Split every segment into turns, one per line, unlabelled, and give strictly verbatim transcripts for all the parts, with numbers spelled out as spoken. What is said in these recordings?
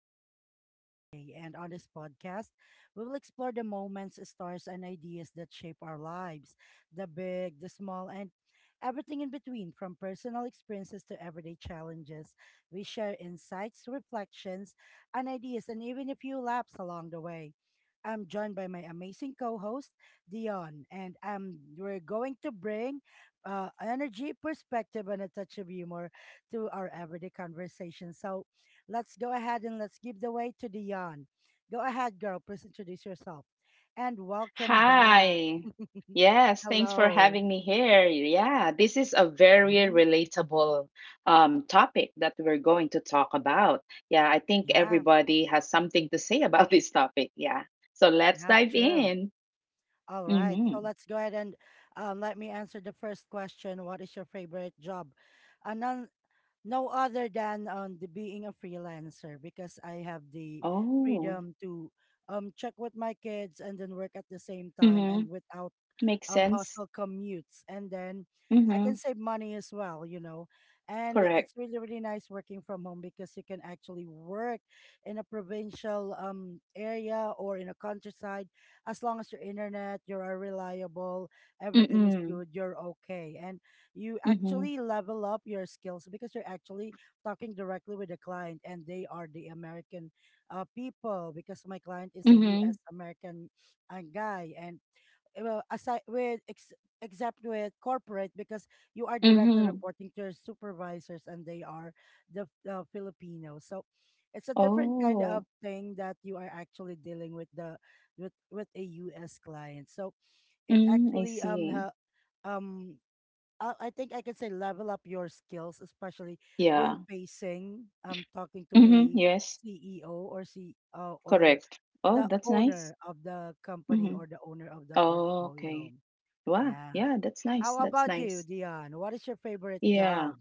real talk into your day. And on this podcast, we will explore the moments, stars, and ideas that shape our lives, the big, the small, and everything in between, from personal experiences to everyday challenges. We share insights, reflections, and ideas, and even a few laughs along the way. I'm joined by my amazing co-host Dion, and um, we're going to bring uh, energy, perspective, and a touch of humor to our everyday conversation. So, let's go ahead and let's give the way to Dion. Go ahead, girl. Please introduce yourself, and welcome back.
Hi. Yes, thanks for
Hello.
having me here. Yeah, this is a very
Mhm.
relatable um, topic that we're going to talk about. Yeah, I think
Yeah,
everybody has something to say about this topic. Yeah, so let's
yeah,
dive
true.
in.
All right. So
Mm-hmm.
let's go ahead and um, let me answer the first question. What is your favorite job? An No other than on the being a freelancer, because I have the
Oh,
freedom to um check with my kids and then work at the same time, and
mm-hmm.
without
Makes
um
sense.
hostile commutes. And then I
Mm-hmm.
can save money as well, you know. And
Correct.
it's really really nice working from home, because you can actually work in a provincial um area, or in a countryside. As long as your internet, you are reliable, everything is
Mm-mm.
good, you're okay. And you
Mm-hmm.
actually level up your skills, because you're actually talking directly with the client, and they are the American uh, people, because my client is a
Mm-hmm.
U S American uh, guy. And uh, well, aside with ex- except with corporate, because you are directly
Mm-hmm.
reporting to your supervisors, and they are the uh, Filipinos. So it's a different kind of
Oh,
thing, that you are actually dealing with the with with a U S client, so it
mm, I
actually um
see.
ha, um uh, I think I can say level up your skills, especially when
Yeah.
facing um talking to
Mm-hmm.
a
Yes,
C E O, or C uh, or
correct. Oh,
the
that's nice.
owner of the company,
Mm-hmm.
or the owner of the
Oh,
portfolio.
okay. Wow.
Yeah.
Yeah, that's nice.
How
That's
about you,
nice.
Dion? What is your favorite
Yeah.
job?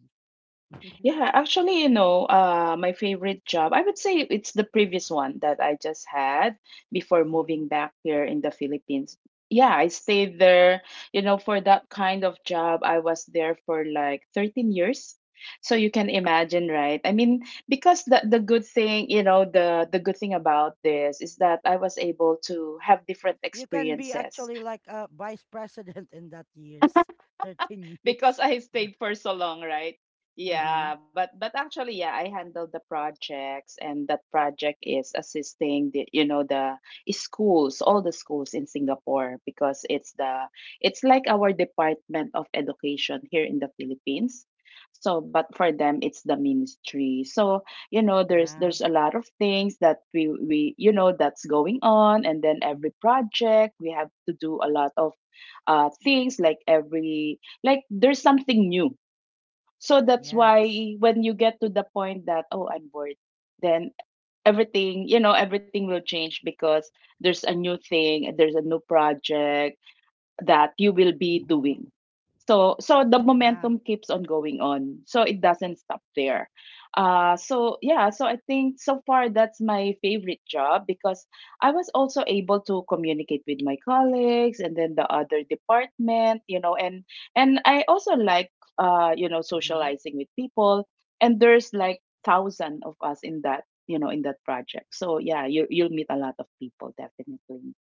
Yeah, actually, you know, uh my favorite job, I would say it's the previous one that I just had before
Hmm.
moving back here in the Philippines. Yeah, I stayed there, you know, for that kind of job. I was there for like thirteen years. So you can imagine, right? I mean, because the the good thing, you know, the the good thing about this is that I was able to have different
You can be
experiences
actually like a vice president in that years, 13
because
years.
I stayed for so long, right?
Mm-hmm.
Yeah, but but actually, yeah, I handle the projects, and that project is assisting the you know the schools, all the schools in Singapore because it's the, it's like our Department of Education here in the Philippines. So, but for them, it's the ministry. So you know, there's
Yeah.
there's a lot of things that we we you know that's going on, and then every project we have to do a lot of uh, things, like every, like there's something new, so that's
Yes.
why when you get to the point that, oh, I'm bored, then everything, you know, everything will change because there's a new thing, there's a new project that you will be
Mm-hmm.
doing. So so the
Yeah.
momentum keeps on going on. So it doesn't stop there. Uh so yeah, so I think so far that's my favorite job because I was also able to communicate with my colleagues and then the other department, you know, and and I also like uh you know,
Mm-hmm.
socializing with people, and there's like thousand of us in that, you know, in that project. So yeah, you you'll meet a lot of people definitely.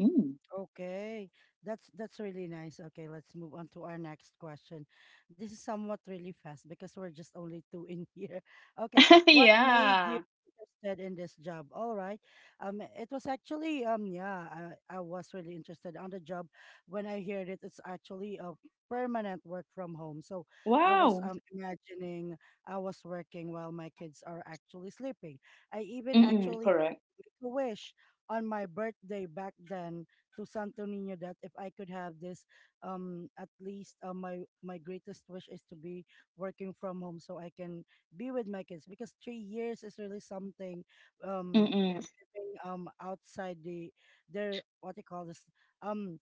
Mm.
Okay, that's that's really nice. Okay, let's move on to our next question. This is somewhat really fast, because we're just only two in here. Okay, what made you
Yeah.
interested in this job? All right, um, it was actually um, yeah, I, I was really interested on the job when I heard it. It's actually a permanent work from home, so I was
Wow!
um imagining I was working while my kids are actually sleeping. I even
Mm,
actually
correct.
make a wish on my birthday back then to Santo Niño, that if I could have this, um, at least uh, my my greatest wish is to be working from home, so I can be with my kids, because three years is really something. Um,
Mm.
living, um, outside the their what they call this, um,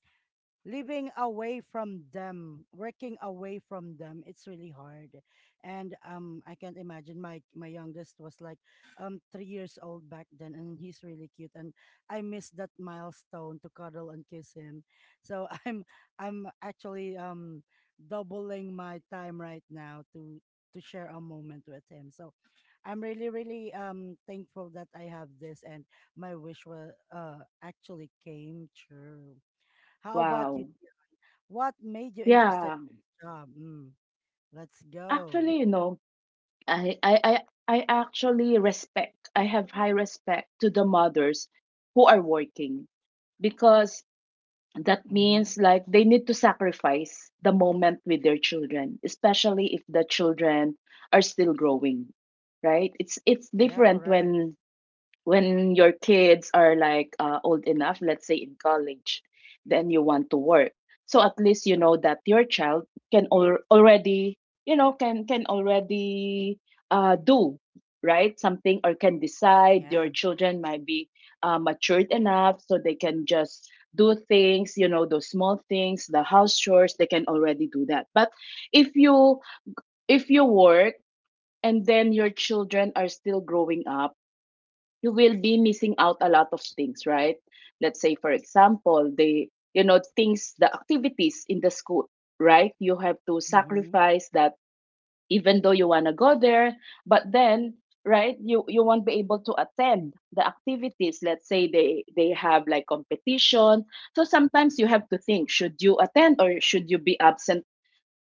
living away from them, working away from them, it's really hard. And um, I can't imagine my my youngest was like um three years old back then, and he's really cute, and I miss that milestone to cuddle and kiss him. So I'm I'm actually um doubling my time right now, to to share a moment with him. So I'm really really um thankful that I have this, and my wish was uh actually came true. How about
Wow.
you, what made you interested
Yeah.
in this job? Mm, let's go.
Actually, you know, I I I I actually respect. I have high respect to the mothers who are working because that
Mm-hmm.
means like they need to sacrifice the moment with their children, especially if the children are still growing, right? It's it's
Yeah,
different
correct.
when when your kids are like uh, old enough, let's say in college, then you want to work. So at least you know that your child can al- already, you know, can can already uh, do, right, something, or can decide. Your
Yeah.
children might be uh, matured enough so they can just do things, you know, those small things, the house chores. They can already do that. But if you, if you work and then your children are still growing up, you will be missing out a lot of things, right? Let's say, for example, the, you know, things, the activities in the school, right? You have to
Mm-hmm.
sacrifice that, even though you wanna go there, but then, right, you you won't be able to attend the activities. Let's say they they have like competition, so sometimes you have to think, should you attend or should you be absent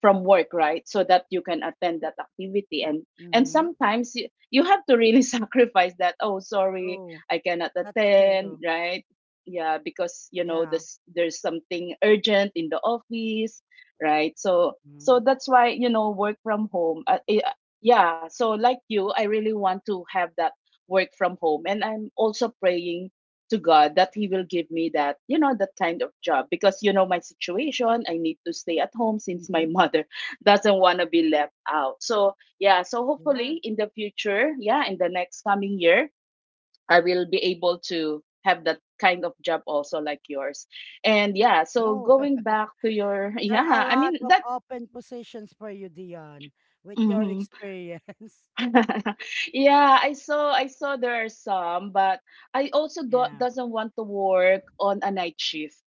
from work, right, so that you can attend that activity. and and
Mm-hmm.
sometimes you, you have to really sacrifice that. Oh, sorry,
True.
I cannot
That's true.
attend, right. Yeah, because you know
Yeah.
this, there's something urgent in the office, right. So
Mm-hmm.
so that's why, you know, work from home, uh, eh, uh, yeah. So like you, I really want to have that work from home, and I'm also praying to God that He will give me that, you know, that kind of job because, you know, my situation, I need to stay at home since my
Mm-hmm.
mother doesn't want to be left out. So, yeah, so
Yeah.
hopefully in the future, yeah, in the next coming year, I will be able to have that kind of job also like yours. And yeah, so
No,
going back to your,
there are a
yeah, I
lot
mean,
of
that.
open positions for you, Dion, with your
Mhm.
experience.
Yeah, I saw I saw there are some, but I also do-
Yeah.
doesn't want to work on a night shift.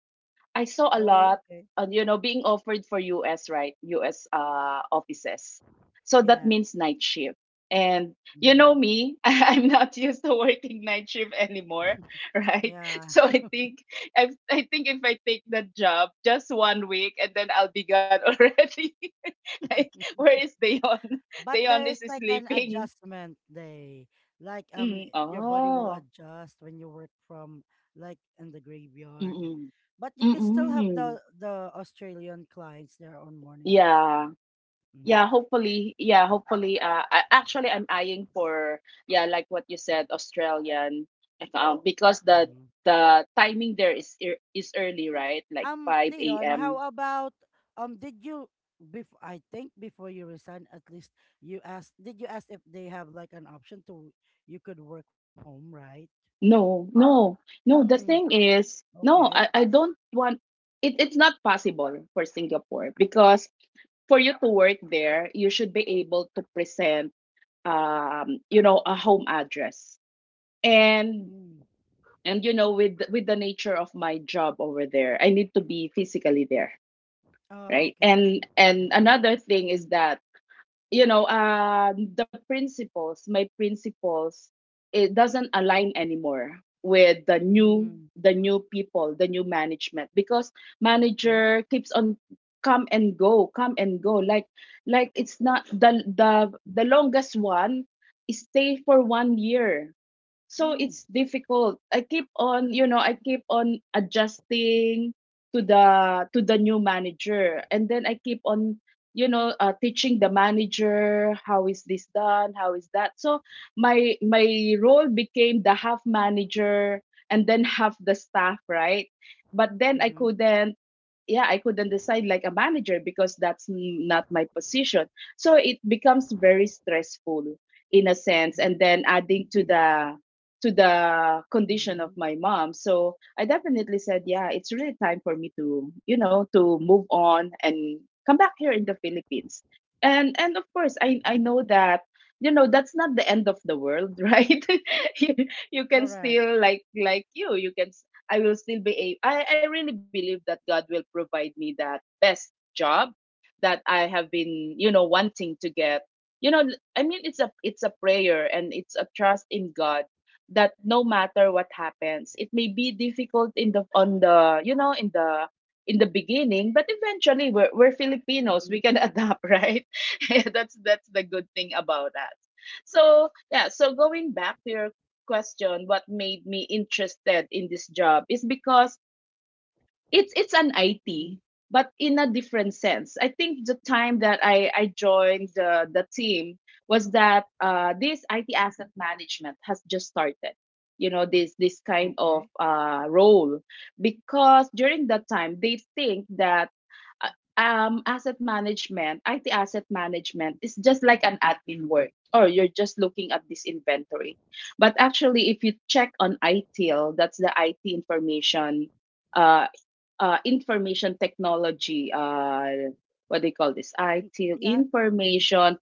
I saw a lot,
Oh, okay.
uh, you know, being offered for U S, right? U S uh, offices. So that
Yeah.
means night shift. And you know
Mm-hmm.
me, I'm not used to working night shift anymore, right?
Yeah.
So I think, I, I think if I take that job just one week and then I'll be gone already. Like, where is Dayon?
But
Dayon
there
is
is like an
sleeping.
adjustment day. Like um
Mm,
i- your body will
oh.
adjust when you work from like in the graveyard.
Mm-mm.
But you can still have
Mm-mm.
the the Australian clients there on morning shift.
Yeah.
Hmm.
Yeah, hopefully. Yeah, hopefully. Uh, I, actually, I'm eyeing for, yeah, like what you said, Australian account, because the
Hmm.
the timing there is ear- is early, right? Like
Um
five
Dion, how
a m.
about um did you, before I think before you resign, at least you asked, did you ask if they have like an option to you could work from home, right?
No, no, no. The
Mm,
thing is, no,
okay.
I, I don't want. It, it's not possible for Singapore because for you to work there, you should be able to present, um, you know, a home address. and.
Mm.
and you know, with with the nature of my job over there, I need to be physically there,
Oh,
right.
okay.
and and
Mm-hmm.
another thing is that, you know, uh the principles, my principles, it doesn't align anymore with the new,
Mm,
the new people, the new management, because
okay.
manager keeps on come and go, come and go, like like it's not the, the the longest one stay for one year. So
Mm.
it's difficult, I keep on, you know, I keep on adjusting to the, to the new manager, and then I keep on, you know, uh, teaching the manager how is this done, how is that. So my my role became the half manager and then half the staff, right. But then I
Mhm,
couldn't, yeah, I couldn't decide like a manager because that's n- not my position, so it becomes very stressful in a sense. And
mhm,
then, adding to the, to the condition of
mhm.
my mom, so I definitely said, yeah, it's really time for me to, you know, to move on and come back here in the Philippines. and and of course, i i know that, you know, that's not the end of the world, right. you, you can
Correct.
still like like you, you can, I will still be able, I, I really believe that God will provide me that best job that I have been, you know, wanting to get. You know, I mean, it's a, it's a prayer and it's a trust in God that no matter what happens, it may be difficult in the, on the, you know, in the, in the beginning, but eventually we're, we're
Mhm,
Filipinos. We can adapt, right? that's, that's the good thing about us. So yeah, so going back to your question, what made me interested in this job is because it's it's an
mhm.
I T, but in a different sense. I think the time that I I joined the the team was that, uh, this I T asset management has just started. You know, this this kind
Okay.
of uh, role, because during that time they think that, uh, um asset management, I T asset management, is just like an admin work, or you're just looking at this inventory. But actually, if you check on I T I L, that's the I T information, uh uh, information technology. Uh, what do you call this? I T
Yeah.
information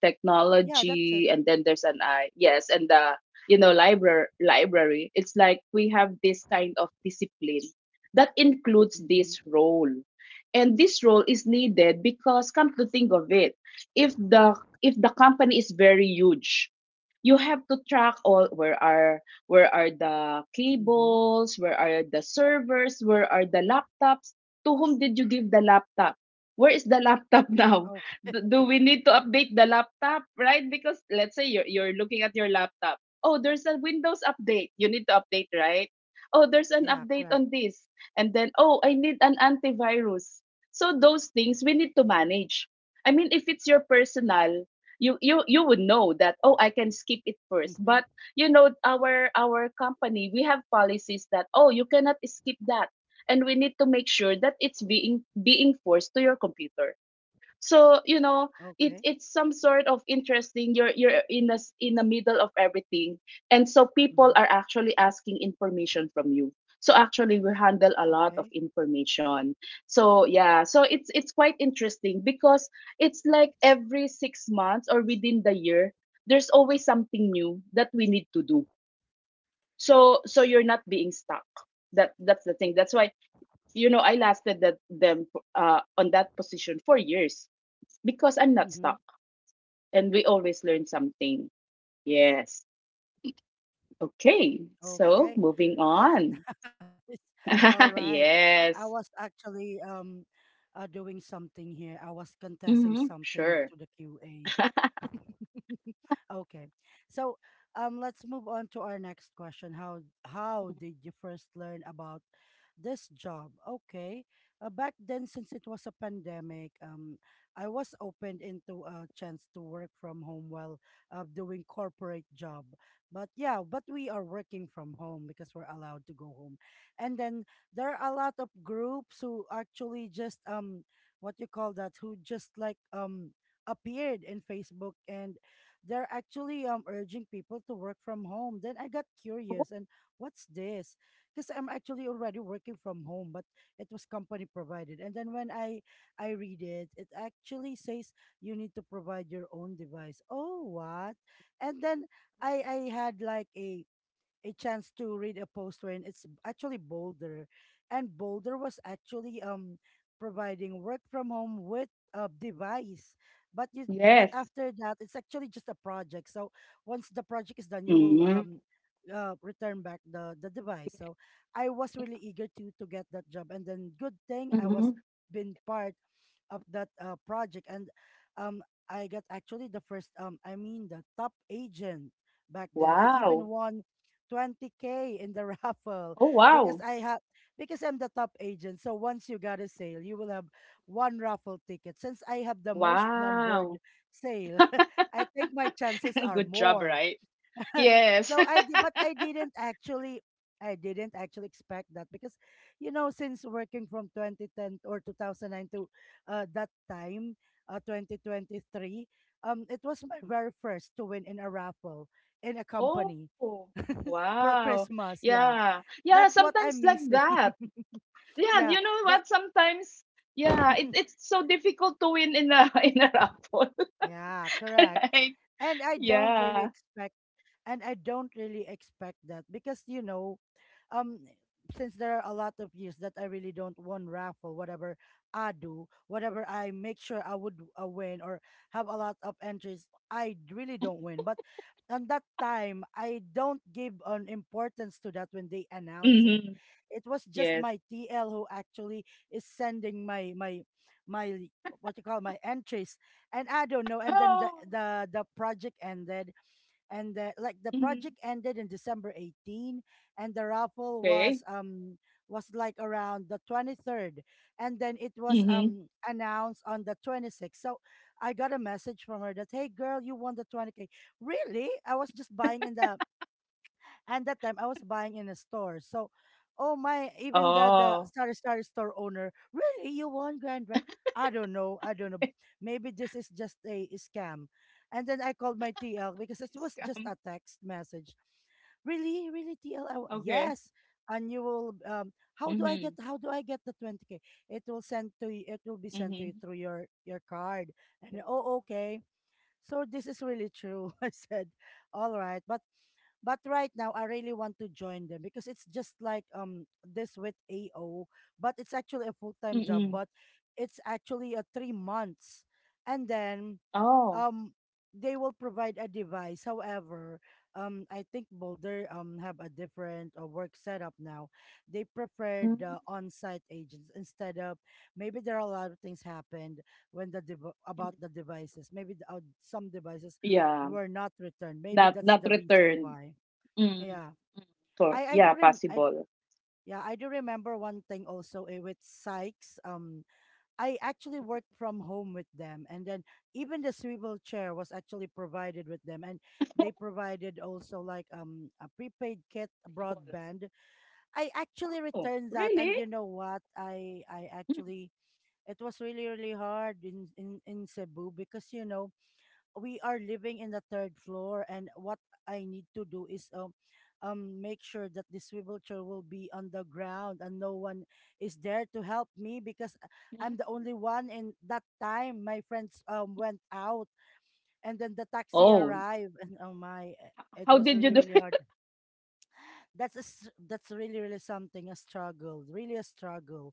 Yeah, that's it.
technology, and then there's an I. Yes, and the, you know, library library. It's like we have this kind of discipline that includes this
Mhm,
role, and this role is needed because, come to think of it, if the, if the company is very huge, you have to track all, where are, where are the
mhm.
cables, where are the servers, where are the laptops, to whom did you give the laptop? Where is the laptop now?
Okay.
Do, do we need to update the laptop, right? Because let's say you're you're looking at your laptop. Oh, there's a Windows update. You need to update, right? Oh, there's an
Yeah,
update
correct.
on this. And then, oh, I need an antivirus. So those things we need to manage. I mean, if it's your personal, you you you would know that, oh, I can skip it first, but
Mhm.
you know, our our company, we have policies that, oh, you cannot skip that, and we need to make sure that it's being being forced to your computer. So you know, it,
Okay.
it's some sort of interesting, you're you're in the, in the middle of everything, and so people
Mhm.
are actually asking information from you. So actually we handle a lot of
Okay.
information. So yeah, so it's it's quite interesting because it's like every six months or within the year, there's always something new that we need to do. So so you're not being stuck, that, that's the thing, that's why, you know, I lasted that them, uh, on that position for years, because I'm not stuck,
Mhm.
and we always learn something. Yes. Okay. So
Okay.
moving
That's
on.
nice. All right. I was
yes.
actually um uh, doing something here. I was contesting
Mm-hmm.
something
Sure.
to the Q A. Okay. So, um, let's move on to our next question. How how did you first learn about this job? Okay. Uh, back then, since it was a pandemic, um, I was opened into a chance to work from home while uh, doing corporate job. But yeah, but we are working from home because we're allowed to go home. And then there are a lot of groups who actually just um, what you call that? Who just like um appeared in Facebook, and they're actually um urging people to work from home. Then I got
Oh,
curious, and what's this? Because I'm actually already working from home, but it was company provided. And then when I I read it, it actually says you need to provide your own device. Oh what? And then I I had like a a chance to read a post when it's b- actually Boulder, and Boulder was actually um providing work from home with a device. But you, but
yes.
after that, it's actually just a project. So once the project is done, you will
Mm-hmm.
um uh, return back the the device. So I was really eager to to get that job, and then good thing I
Mm-hmm.
was been part of that uh, project. And um I got actually the first um I mean the top agent back then. I even
Wow.
won twenty k in the raffle,
Oh,
because
wow.
I have because I'm the top agent. So once you got a sale, you will have one raffle ticket. Since I have the most numbered
Wow.
sale, I think my chances are
Good job,
more.
right? Yes.
So I did, but I didn't actually, I didn't actually expect that, because, you know, since working from twenty ten or two thousand nine to uh, that time, uh, twenty twenty-three, um, it was my very first to win in a raffle in a
Oh,
company for
wow.
Christmas. Yeah,
Yeah. Yeah.
that's what
Sometimes
I'm
like
missing.
that. Yeah.
Yeah,
You know
that.
what? Sometimes. Yeah, it, it's so difficult to win in a in a raffle,
Yeah, correct.
right?
And I don't
Yeah.
really expect and I don't really expect that, because you know, um since there are a lot of years that I really don't won raffle, whatever I do, whatever I make sure I would uh, win, or have a lot of entries, I d- really don't win. But on that time, I don't give an importance to that when they announce it.
Mhm.
It was just
Yes.
my T L who actually is sending my my my what you call my entries, and I don't know. And then
Oh.
the the the project ended, and the, like the
Mhm.
project ended in December eighteenth, and the raffle
Okay.
was um was like around the twenty-third, and then it was
Mhm.
um announced on the twenty-sixth. So I got a message from her that, hey girl, you won the twenty k. Really? I was just buying in the, and that time I was buying in a store. So, oh my, even the
Oh.
the sorry sorry store owner, really you want grand prize? I don't know. I don't know. Maybe this is just a scam. And then I called my T L, because it was
Scam.
just a text message, really really T L, wa-
Okay.
yes, and you will um how do
Mhm.
I get, how do I get the twenty k? It will send to you, it will
Mhm.
be sent to you through your your card.
Wow.
And oh okay, so this is really true. I said, all right. But but right now, I really want to join them, because it's just like um this with A O, but it's actually a full time
Mm-mm.
job, but it's actually a three months, and then
Oh.
um they will provide a device. However, um I think Boulder um have a different uh, work setup now. They prefer
Mm.
the on site agents, instead of, maybe there are a lot of things happened when the dev-
Mm.
about the devices. Maybe the, uh, some devices
Yeah.
were not returned. Maybe
Not
that's
not
the reason
returned.
why.
Mm.
Yeah.
Mm. So,
I I
yeah,
do rem I
possible.
Yeah, I do remember one thing also, eh, with Sykes. Um I actually
Mm.
worked from home with them, and then even the swivel chair was actually provided with them, and they provided also like um a prepaid kit
Possible.
broadband. I actually
Oh,
returned that, and
really?
you know what? I I
Mm.
actually it was really really hard in in in Cebu because you know we are living in the third floor, and what I need to do is um um make sure that the swivel chair will be on the ground, and no one is there to help me because I- I'm the
Mm.
only one. In that time my friends um went out, and then the taxi
Oh,
arrived and oh my eh, it
how
was
did you
really
do
really hard.
it?
That's a, s- that's really really something, a struggle, really a struggle,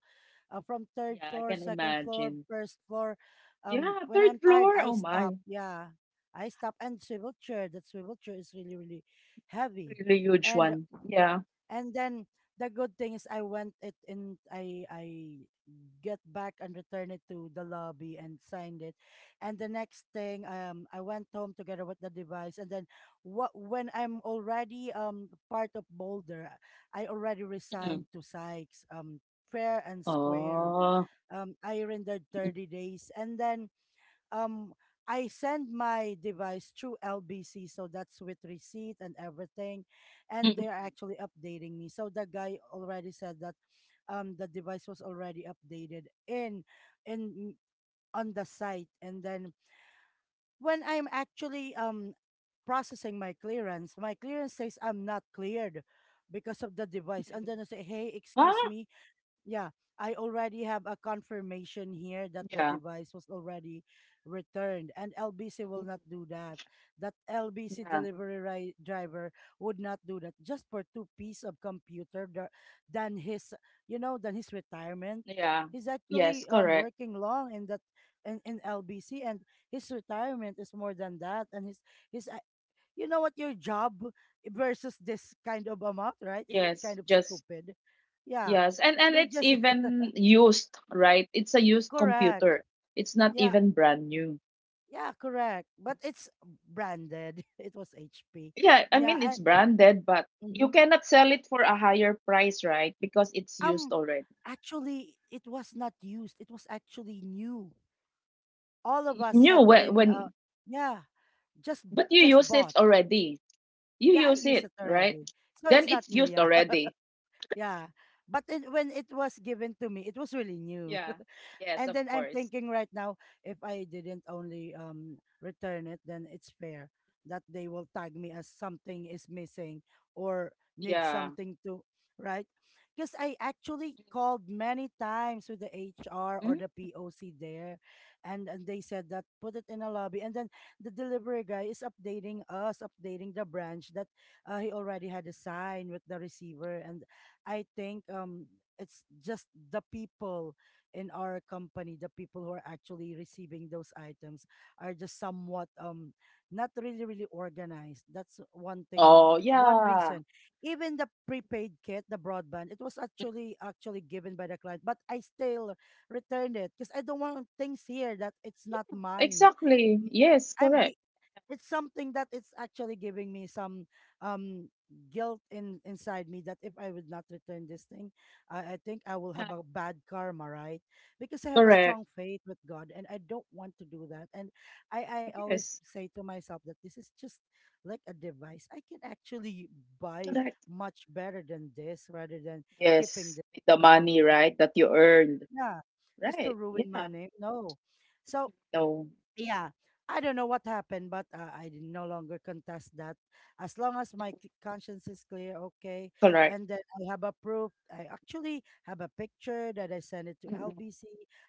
uh, from third
Yeah, I
floor,
can
second floor,
imagine.
first floor. Um
Yeah,
when
third
I'm tired
floor.
I
Oh
stop.
my,
Yeah, I stop. And swivel chair, that swivel chair is really really heavy.
really huge
and
one. Yeah.
and then the good thing is I went it in I I get back and return it to the lobby and signed it. And the next thing, um, I went home together with the device. And then what when I'm already um part of Boulder, I already resigned
Mm.
to Sykes, um, fair and square.
Oh.
Um, I rendered
Mm-hmm.
thirty days. And then um I send my device through L B C, so that's with receipt and everything, and they're
Mm-mm,
actually updating me. So the guy already said that um the device was already updated in in on the site. And then when I'm actually um processing my clearance, my clearance says I'm not cleared because of the device. And
mm-mm.
then I say, hey,
Ah,
excuse me, yeah, I already have a confirmation here that the
yeah.
device was already returned, and L B C
Mm,
will not do that. That L B C
yeah.
delivery ri- driver would not do that just for two piece of computer tha- than his, you know, than his retirement.
Yeah.
He's
Yes,
actually um
correct.
working long in that in, in L B C, and his retirement is more than that. And his his, uh, you know what, your job versus this kind of amount, right? Is that
Yes,
kind of
just
stupid? Yeah.
yes. And and
You're
it's
just
even used, right? It's a used
correct.
computer. It's not
Yeah.
even brand new.
Yeah, correct. But it's branded. It was H P.
Yeah, I
Yeah,
mean it's
and
branded, but you
mhm.
cannot sell it for a higher price, right? Because it's used
um
already.
Actually it was not used. It was actually new. All of us
New
had
when
been uh
when
yeah, just b-
but you
just
use it
bought.
already. You
Yeah, I
use
used
it,
it
right?
already. So it's
Then
not
it's
new,
used
yeah.
already.
Yeah. But it, when it was given to me, it was really new.
Yeah. Yes,
And
of
then I'm
course.
thinking right now, if I didn't only um return it, then it's fair that they will tag me as something is missing, or need
Yeah.
something to, right, because I actually called many times with the H R or
Mm?
the P O C there. And, and they said that put it in a lobby, and then the delivery guy is updating us, updating the branch, that uh, he already had a sign with the receiver. And I think um it's just the people in our company, the people who are actually receiving those items, are just somewhat um not really really organized. That's one thing,
Oh,
one
yeah.
reason. Even the prepaid kit, the broadband, it was actually actually given by the client, but I still returned it because I don't want things here that it's not mine.
Exactly.
Mm,
Yes,
I'm
correct.
gi- it's something that it's actually giving me some um guilt in inside me, that if I would not return this thing, I, I think I will have
Yeah,
a bad karma, right? Because I have a
correct.
strong faith with God and I don't want to do that. And I, I always
Yes,
say to myself that this is just like a device. I can actually buy
correct.
much better than this, rather than keeping
Yes,
this
with the
just to
money,
ruin,
right, that you earned.
yeah, just to
Right.
ruin my
Yeah.
name. No. So
No,
yeah, I don't know what happened, but uh, I did no longer contest that. As long as my c- conscience is clear, okay.
correct.
And then I have a proof. I actually have a picture that I sent it to
Mm-mm.
L B C.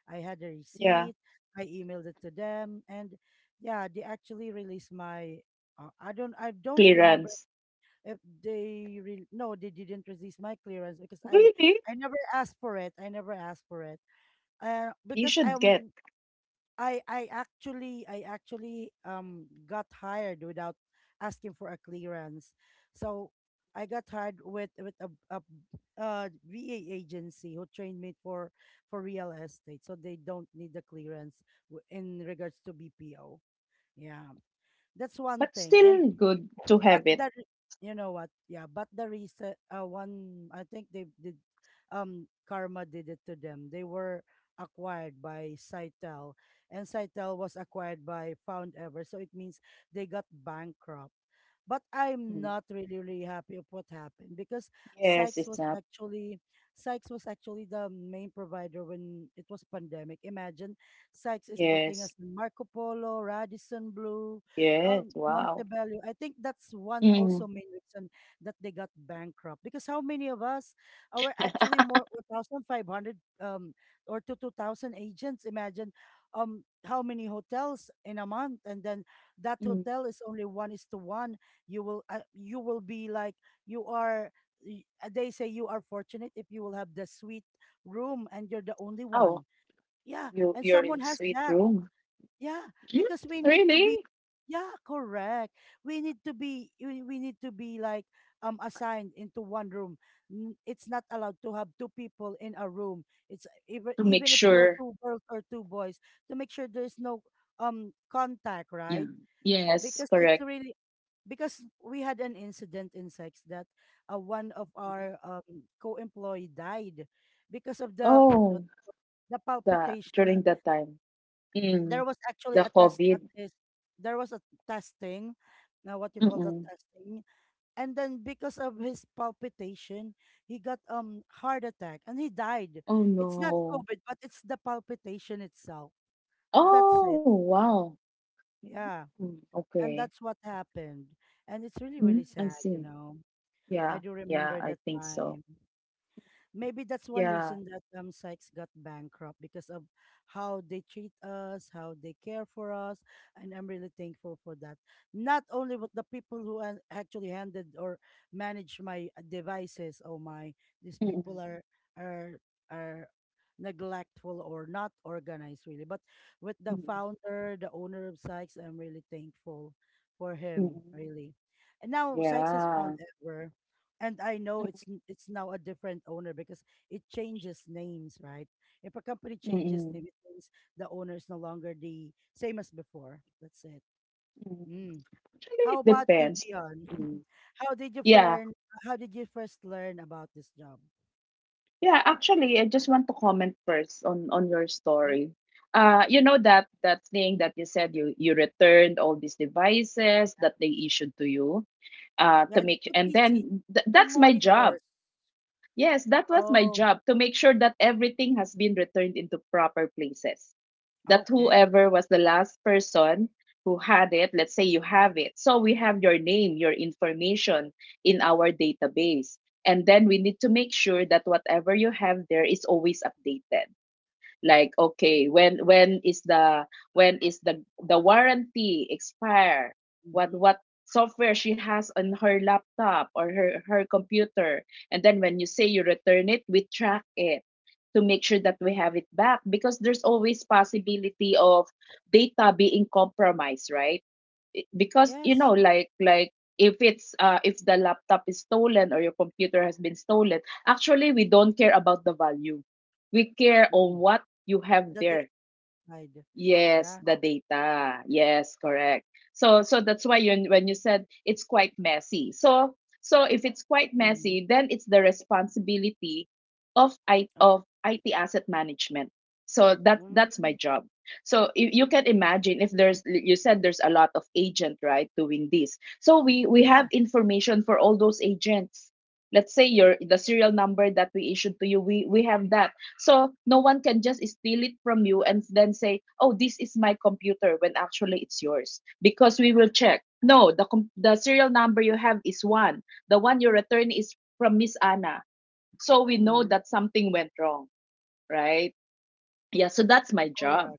I had a
Yeah,
receipt. I emailed it to them, and yeah, they actually released my. Uh, I don't. I don't remember
clearance.
if they. Re- no, they didn't release my clearance because I.
Really?
I never asked for it. I never asked for it. Uh,
You
because
should
I'm
get,
I I actually I actually um got hired without asking for a clearance. So I got hired with with a, a uh V A agency who trained me for for real estate. So they don't need the clearance w- in regards to B P O. Yeah. That's one
but
thing. And
still good to
but
have it.
the re- you know what, yeah, but the recent uh one, I think they did, um karma did it to them. They were acquired by Cytel, and Cytel was acquired by Foundever. So it means they got bankrupt. But I'm
Mm.
not really really happy of what happened, because
Yes,
Sykes
it's
was
up.
actually, Sykes was actually the main provider when it was pandemic. Imagine Sykes is putting
Yes.
us in Marco Polo, Radisson Blue
Yes.
um,
Wow.
Montebello. I think that's one
Mm.
also main reason that they got bankrupt, because how many of us are actually, more one thousand five hundred um or to two thousand agents? Imagine um how many hotels in a month, and then that
Mm.
hotel is only one is to one. You will uh, you will be like you are. y- uh, They say you are fortunate if you will have the suite room and you're the only
Oh,
one. Yeah,
you
and
you're in
someone
a
has
sweet
that.
room.
Yeah,
Mm,
because we need to be,
really?
yeah, correct. We need to be, we, we need to be like um assigned into one room. N- It's not allowed to have two people in a room. It's even,
To make
even if you are
sure.
two girls or two boys, to make sure there's no um contact,
Yeah.
right?
Yes,
Because it's
correct.
really, because we had an incident in sex that, uh, one of
Mhm.
our um, co-employee died because of the what
Oh,
you call- the
the
palpitation.
during that time.
There
Mm,
was actually a
the
test that
COVID.
is, there was a testing, now what you call that
Mm-mm.
testing, and then because of his palpitation he got um heart attack and he died.
Oh,
It's not
no.
COVID, but it's the palpitation itself. That's it.
Oh, wow.
Yeah.
Mm,
And
okay.
that's what happened. And it's really
Mm,
really
I
sad, you
see.
know. I
Yeah.
do
Yeah,
remember
I
that
think so.
time. Maybe that's one
Yeah.
reason that um Sykes got bankrupt, because of how they treat us, how they care for us, and I'm really thankful for that. Not only with the people who an- actually handed or managed my uh, devices. Oh my, these
Mm-mm.
people are are are neglectful or not organized really. But with the
Mm-mm.
founder, the owner of Sykes, I'm really thankful for him,
Mm-mm.
really. And now Sykes is
Yeah.
found ever and I know it's n- it's now a different owner because it changes names, right? If a company changes
Mm-mm.
name, it means the owner is no longer the same as before. That's it.
Mm.
Mm.
Actually,
How
it
about you,
depends.
Dion?
Mm.
how did you
Yeah.
friend? How did you first learn about this job?
Yeah, actually, I just want to comment first on on your
Mm?
story. Uh, you know that that thing that you said you you returned all these devices that they issued to you. Uh, to
Yeah, it's
make,
two
and
P C,
then th-
two
that's my job.
monitors.
Yes, that was my
Oh,
job, to make sure that everything has been returned into proper places, that
okay.
whoever was the last person who had it, let's say you have it, so we have your name, your information in our database, and then we need to make sure that whatever you have there is always updated. Like okay, when when is the when is the the warranty expire, what
Mm-hmm.
what software she has on her laptop or her her computer, and then when you say you return it, we track it, to make sure that we have it back, because there's always possibility of data being compromised, right? I- because you
Yes.
know, like like if it's, uh, if the laptop is stolen or your computer has been stolen. Actually, we don't care about the value, we care on
Mm.
what you have
The data
there.
inside.
Yes,
Yeah.
the data. Yes, correct. So so that's why, you when you said it's quite messy. So so if it's quite
Mm-hmm.
messy, then it's the responsibility of I of I T asset management. So that that's
Mm.
my job. So you, you can imagine, if there's, you said there's a lot of agent, right, doing this. So we we
Yeah.
have information for all those agents. Let's say your, the serial number that we issued to you, we we have that, so no one can just steal it from you and then say, "Oh, this is my computer," when actually it's yours, because we will check. No, the com- the serial number you have is one. The one you return is from Miss Anna. So we
Mm-hmm.
know that something went wrong, right? Yeah, so that's my
Correct.
job.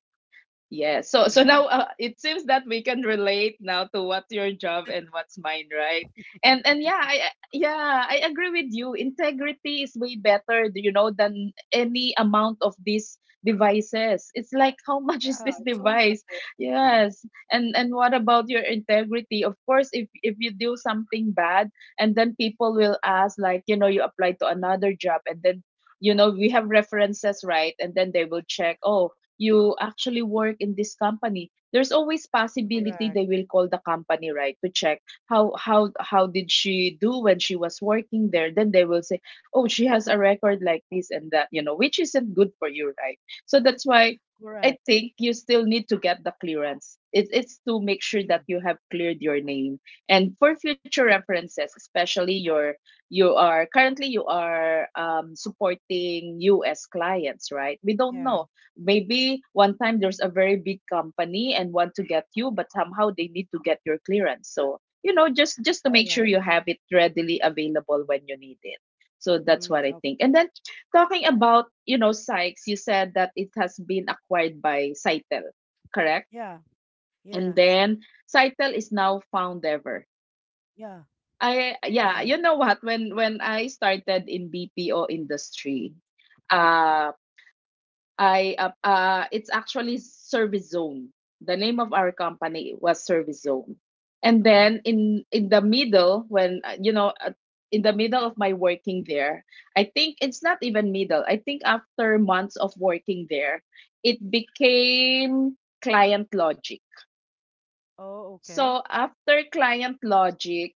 Yeah. So so
Yeah,
now, uh, it seems that we can relate now to what's your job and what's mine, right? And and yeah, I I- yeah, I agree with you. Integrity is way better, you know, than any amount of these devices. It's like how much is
yeah,
this
it's only
device?
materials, you know.
Yes. And and what about your integrity? Of course, if if you do something bad, and then people will ask, like, you know, you apply to another job and then, you know, we have references, right? And then they will check. Oh, you actually work in this company. There's always possibility
Correct,
they will call the company, right, to check how how how did she do when she was working there. Then they will say, oh, she has a record like this and that, you know, which isn't good for you, right? So that's why
correct.
I think you still need to get the clearance. It, it's to make sure
Mm,
that you have cleared your name and for future references. Especially, your you are currently, you are um, supporting US clients, right? We don't
yeah.
know, maybe one time there's a very big company and want to get you, but somehow they need to get your clearance. So, you know, just just to
All
make sure
right.
you have it readily available when you need it. So that's
Mm,
what I
okay.
think. And then, talking about, you know, Sykes, you said that it has been acquired by Cytel, correct,
Yeah,
and
yeah,
then Cytel is now Foundever.
yeah,
I, yeah,
yes.
you know what, when when I started in BPO industry, uh, I, uh, uh, it's actually Service Zone. The name of our company was Service Zone. And
Uh-huh.
then in in the middle, when uh, you know, uh, in the middle of my working there, I think it's not even middle. I think after months of working there, it became Client Logic.
Oh, okay.
So after Client Logic,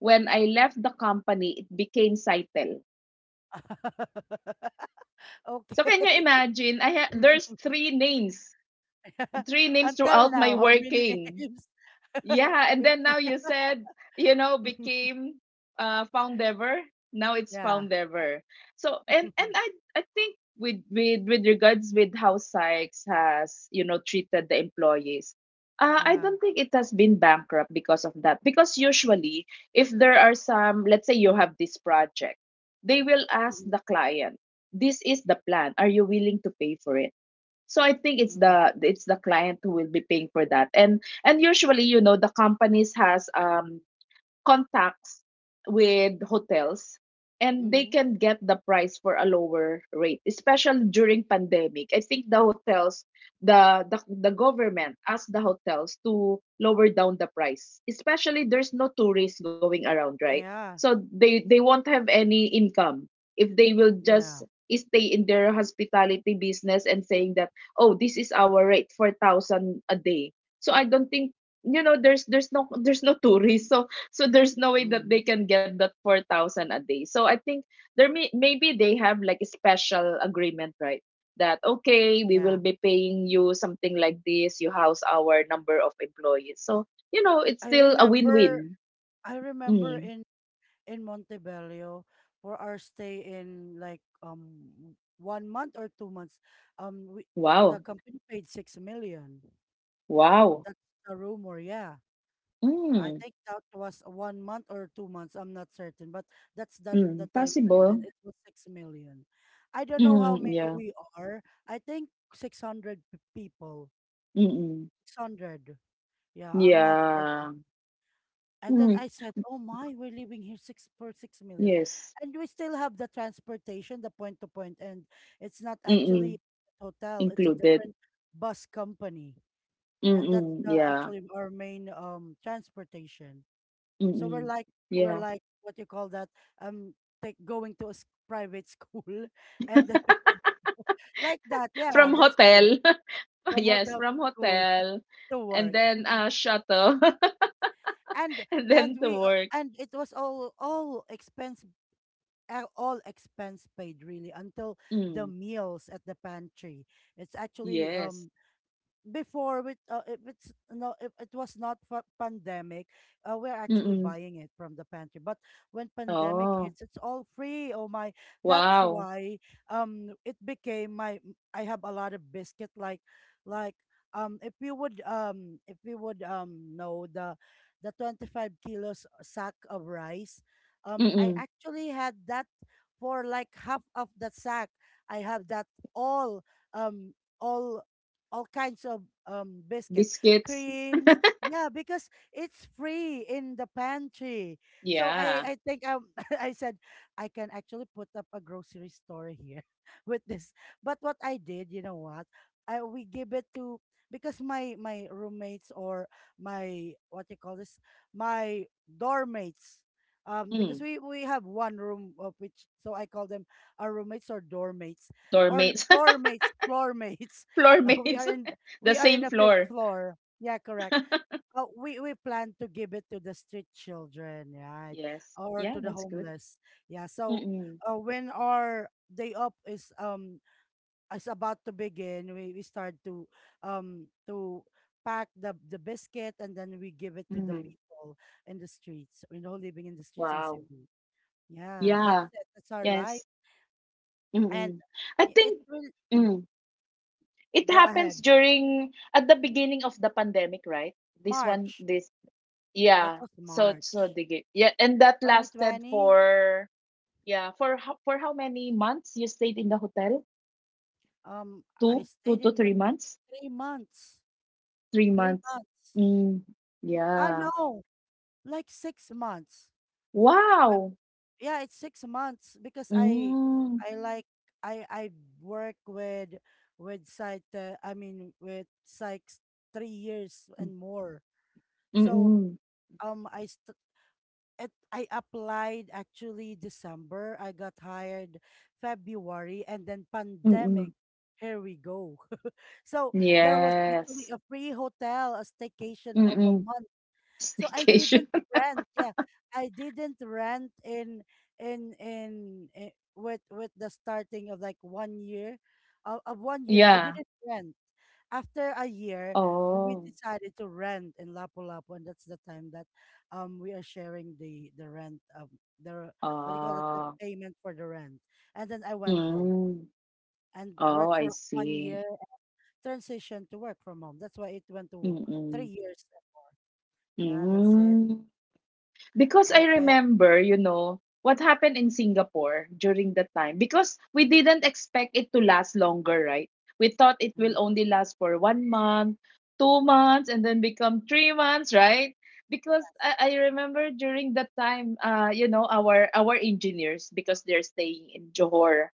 when I left the company, it became Cytel. So can you
Okay.
imagine? I ha- there's three names, three names
Until
throughout my
now, how many
working.
names?
Yeah, and
With
then now
the-
you said, you know, became uh Foundever. Now it's
yeah,
Foundever. So and and I I think with with with regards with how Sykes has, you know, treated the employees. Uh, I
yeah.
don't think it has been bankrupt because of that. Because usually, if there are some, let's say you have this project, they will ask
Mm-hmm.
the client, "This is the plan. Are you willing to pay for it?" So I think it's
Mm,
the it's the client who will be paying for that. And and usually, you know, the companies has um contacts with hotels and they
mm-hmm.
can get the price for a lower rate, especially during pandemic. I think the hotels the the, the government asked the hotels to lower down the price, especially there's no tourists going around, right?
Yeah,
So they they won't have any income if they will just
yeah.
stay in their hospitality business and saying that, oh, this is our rate, four thousand a day. So I don't think, you know, there's there's no there's no tourists, so so there's no way that they
Mm-hmm.
can get that four thousand a day. So I think there may maybe they have like a special agreement, right, that okay, we
Yeah.
will be paying you something like this, you house our number of employees. So, you know, it's
I
still a
remember.
win-win.
I remember
Mm.
in in Montebello for our stay in like um one month or two months. Um, we, the
Wow.
company paid six million.
Wow.
That's the rumor. Yeah, I
Mm.
think that was one month or two months. I'm not certain, but that's that the
Mm.
time frame,
Possible.
and it was six million. I don't know how
Mm.
many
Yeah.
we are. I think six hundred people.
Mm-mm.
Six hundred. Yeah, I'm not
Yeah.
certain. And then
Mm.
I said, "Oh my, we're living here six for six million,
Yes.
and we still have the transportation, the point to point, and it's not actually
Mm-mm.
a hotel; it's a
Included.
different bus company, and that's
Mm-mm.
the,
Yeah.
actually our main um transportation. So we're
Mm-mm.
like, we're
Yeah.
like what you call that, um like going to a s- private school, and then we will just- like that. Yeah,
From
that's true.
hotel.
From
Yes,
hotel to
from
school
hotel,
to
and
work.
then, uh, shuttle.
And
And
and
then to
we uh,
work.
and it was all all expenses." A- all expense paid, really, until the
Mm,
meals at the pantry. It's actually
yes.
um before with uh, if it's no if it was not for pandemic, uh, we're actually
Mm-mm.
buying it from the pantry. But when pandemic
Oh,
hits it's all free. Oh my, that's
wow.
why um it became my, I have a lot of biscuit, like like um if you would um if you would um know the the twenty-five kilos sack of rice. um I
Mm-mm.
actually had that for like half of the sack. I have that, all, um all all kinds of um biscuits,
Biscuits.
creams. Yeah, because it's free in the pantry. So
Yeah.
I I think um I said I can actually put up a grocery store here with this. But what I did, you know what? I we give it to because my my roommates or my what you call this my dorm mates um
Mm.
because we we have one room of which so I call them our roommates or dorm mates
Floor
or
mates.
floor mates floor mates
Floor
Uh, we
mates.
are in
The
we are in
same
the fifth
floor.
floor. Yeah, correct. Uh, we we plan to give it to the street children, right,
Yes.
or to
Yeah,
the
that's good.
homeless. Yeah. So
Mm-mm.
uh, when our day up is um is about to begin, we, we start to um to pack the the biscuit and then we give it to the
Mm.
people in the streets. You know, living in the streets in
Wow.
Cebu. Yeah, that's
Yeah.
it. That's our
Yes.
life, and
Mm-mm. I
i- it
think,
will. Mhm.
mm, it
Go
happens
ahead.
during at the beginning of the pandemic, right? This one,
March.
this.
That
Yeah.
was
So so
March
they gave, yeah, and that lasted
twenty twenty,
for, yeah, for how for how many months you stayed in the hotel?
um, I
Two two
stayed
to
in the
three months.
three months.
Three
Three
months.
months.
Mm,
I
yeah.
know, like six months.
Wow.
Yeah, it's six months because I,
Mm,
I like I I work with with psych. Uh, I mean with psychs three years and more. So
mm-mm,
um, I it, I applied actually December. I got hired February and then pandemic.
mm-mm.
Here we go. So there was actually
Yes.
a free hotel, a staycation of a
Mm-mm.
month, so I
Staycation.
didn't rent. Yeah, I didn't rent in in in, i- with with the starting of like one year of, of one year. I
Yeah.
didn't rent. After a year, we we
Oh.
decided to rent in Lapu-Lapu, and that's the time that um we are sharing the the rent of the what do you call it, the
Ah.
payment for the rent. And then I went home
Mm.
and
Oh,
worked
I
for one
see.
year, transition to work from home. That's why it went to three
Mm-mm.
years. Yeah, that's it.
Mm. Because I
Okay.
remember, you know, what happened in Singapore during that time. Because we didn't expect it to last longer, right? We thought it will
Mm.
only last for one month, two months, and then become three months, right? Because I, I remember during that time, uh, you know, our our engineers, because they're staying in Johor.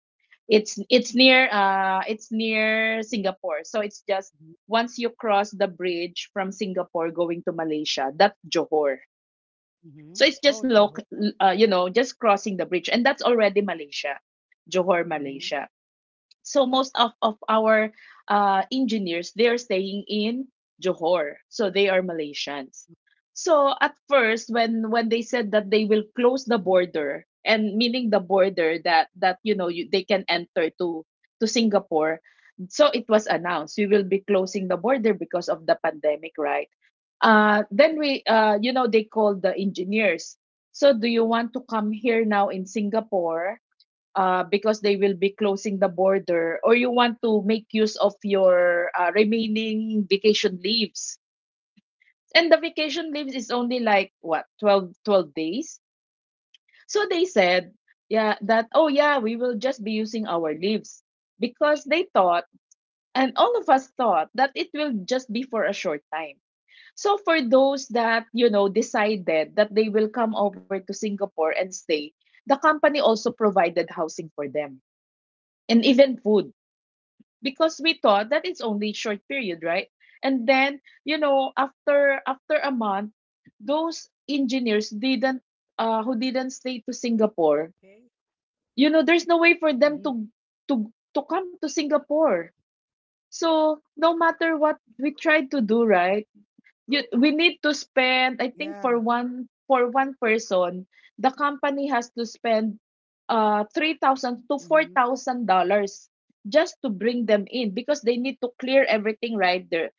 It's it's near uh it's near Singapore. So it's just
Mhm,
once you cross the bridge from Singapore going to Malaysia, that's Johor.
mhm.
so it's
Oh,
just loc
Johor.
uh, you know, just crossing the bridge, and that's already Malaysia, Johor,
Mhm.
Malaysia. So most of, of our uh, engineers, they're staying in Johor. So they are Malaysians. So at first, when when they said that they will close the border, and meaning the border, that that you know, you, they can enter to to Singapore. So it was announced we will be closing the border because of the pandemic, right? Uh then we uh you know they called the engineers. So do you want to come here now in Singapore, uh, because they will be closing the border, or you want to make use of your uh, remaining vacation leaves. And the vacation leaves is only like what, twelve, twelve days. So they said, yeah, that oh yeah, we will just be using our leaves because they thought, and all of us thought that it will just be for a short time. So for those that you know decided that they will come over to Singapore and stay, the company also provided housing for them and even food because we thought that it's only short period, right? And then, you know, after after a month, those engineers didn't, uh who didn't stay to Singapore,
Okay.
you know, there's no way for them
Mhm.
to to to come to Singapore. So no matter what we tried to do, right, you, we need to spend, I think,
Yeah.
for one for one person, the company has to spend uh three thousand to four
Mhm.
thousand dollars just to bring them in, because they need to clear everything right there.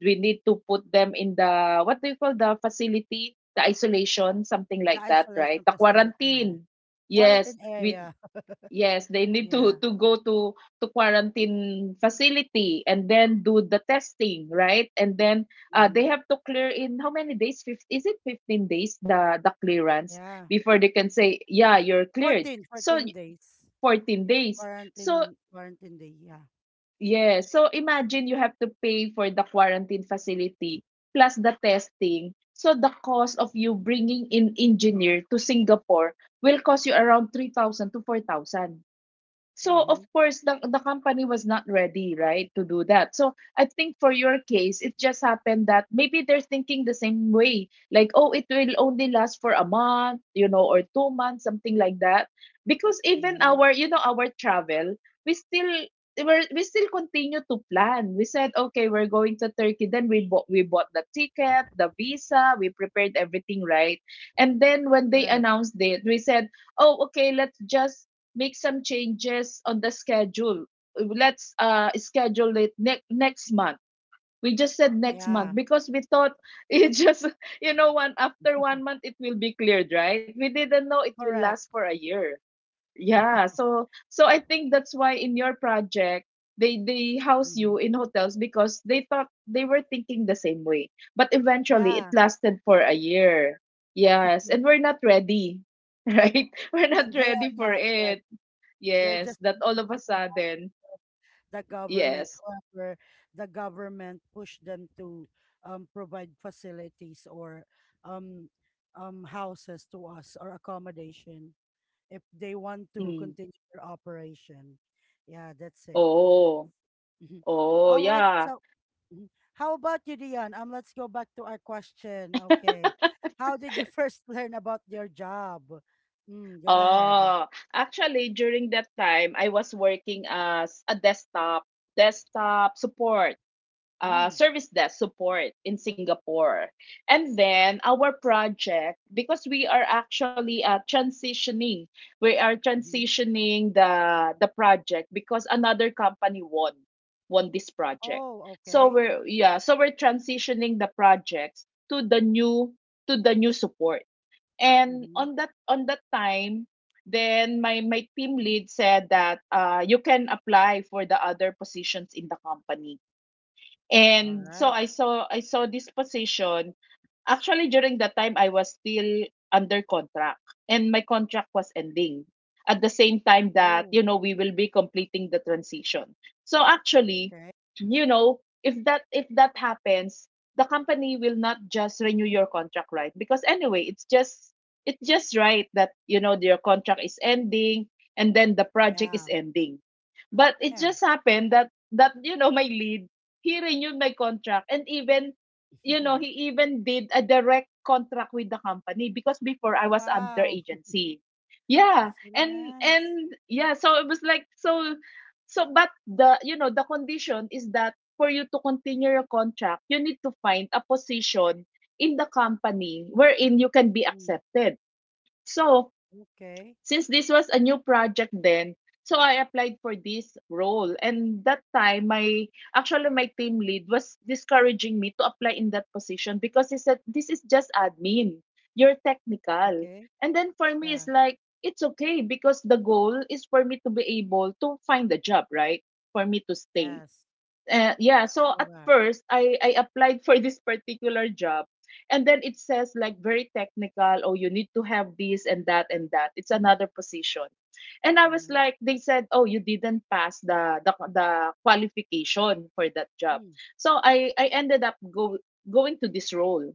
We need to put them in the, what do you call, the facility, the isolation, something
The
like that, right?
isolation
The
facility, yeah.
quarantine. Yes,
Quarantine
we
area.
yes, they need
Yeah.
to to go to to quarantine facility and then do the testing, right? And then, uh,
Mm-hmm.
they have to clear in how many days? Fif? Is it fifteen days, the the clearance,
Yeah.
before they can say, yeah, you're cleared?
Fourteen,
So
fourteen
y-
days.
fourteen days. So
Quarantine, quarantine day. Yeah.
yeah, so imagine you have to pay for the quarantine facility plus the testing. So the cost of you bringing in
Mm-hmm.
engineer to Singapore will cost you around three thousand to four thousand. So of
Mm-hmm.
course the the company was not ready, right, to do that. So I think for your case, it just happened that maybe they're thinking the same way, like, oh, it will only last for a month, you know, or two months, something like that. Because even
Mm-hmm.
our, you know, our travel, we still we're, we still continue to plan. We said, okay, we're going to Turkey. Then we bought we bought the ticket, the visa, we prepared everything, right. And then when they
Correct.
announced it, we said, oh, okay, let's just make some changes on the schedule. Let's uh, schedule it ne- next month. We just said next month
Yeah.
because we thought it just, you know, one after one month it will be cleared, right? We didn't know it will
Correct.
last for a year. Yeah, so so I think that's why in your project they they house
Mm-hmm.
you in hotels because they thought they were thinking the same way. But eventually it
Yeah.
lasted for a year. Yes,
yeah.
and we're not ready, right? We're not
And they are
ready for
not, but
it.
they're
Yes,
just
that all
looking
of
for
a
that.
sudden
The government.
yes,
However, the government pushed them to um, provide facilities or um, um, houses to us or accommodation if they want to
hmm.
continue their operation. Yeah, that's it.
Oh,
Mhm.
oh
All right.
yeah.
So, mhm. how about you, Dion? Um, let's go back to our question. Okay. How did you first learn about your job? Mm, go ahead.
Ah, actually during that time I was working as a desktop desktop support, uh,
Mm,
service desk support in Singapore. And then our project, because we are actually uh, transitioning, we are
mhm.
transitioning the the project because another company won won this project.
Oh,
So
okay.
we're, yeah, so we're transitioning the projects to the new, to the new support. And
Mm-hmm.
on that on that time, then my my team lead said that, uh, you can apply for the other positions in the company.
All
And so
right.
I saw I saw this position. Actually, during that time, I was still under contract and my contract was ending at the same time that,
Oh.
you know, we will be completing the transition. So actually,
Okay.
you know, if that if that happens, the company will not just renew your contract, right? Because anyway, it's just it's just right that, you know, your contract is ending and then the project is
Yeah.
ending. But it
Yeah.
just happened that that you know my lead, he renewed my contract and even, you know, he even did a direct contract with the company because before I was under
Wow.
agency. Yeah,
That's really
and
nice.
and yeah, so it was like so so but the, you know, the condition is that for you to continue your contract, you need to find a position in the company wherein you can be
Mm.
accepted. So
Okay.
since this was a new project then, so I applied for this role. And that time, my actually my team lead was discouraging me to apply in that position because he said, "This is just admin. You're technical."
Okay.
And then for me,
Yeah.
it's like it's okay because the goal is for me to be able to find a job, right? For me to stay.
Yes.
Uh, yeah, so at
Correct.
first I I applied for this particular job and then it says like very technical, oh you need to have this and that and that. It's another position. And I was
Mm-hmm.
like, they said, "Oh, you didn't pass the the the qualification for that job."
Mm.
So I I ended up go going to this role.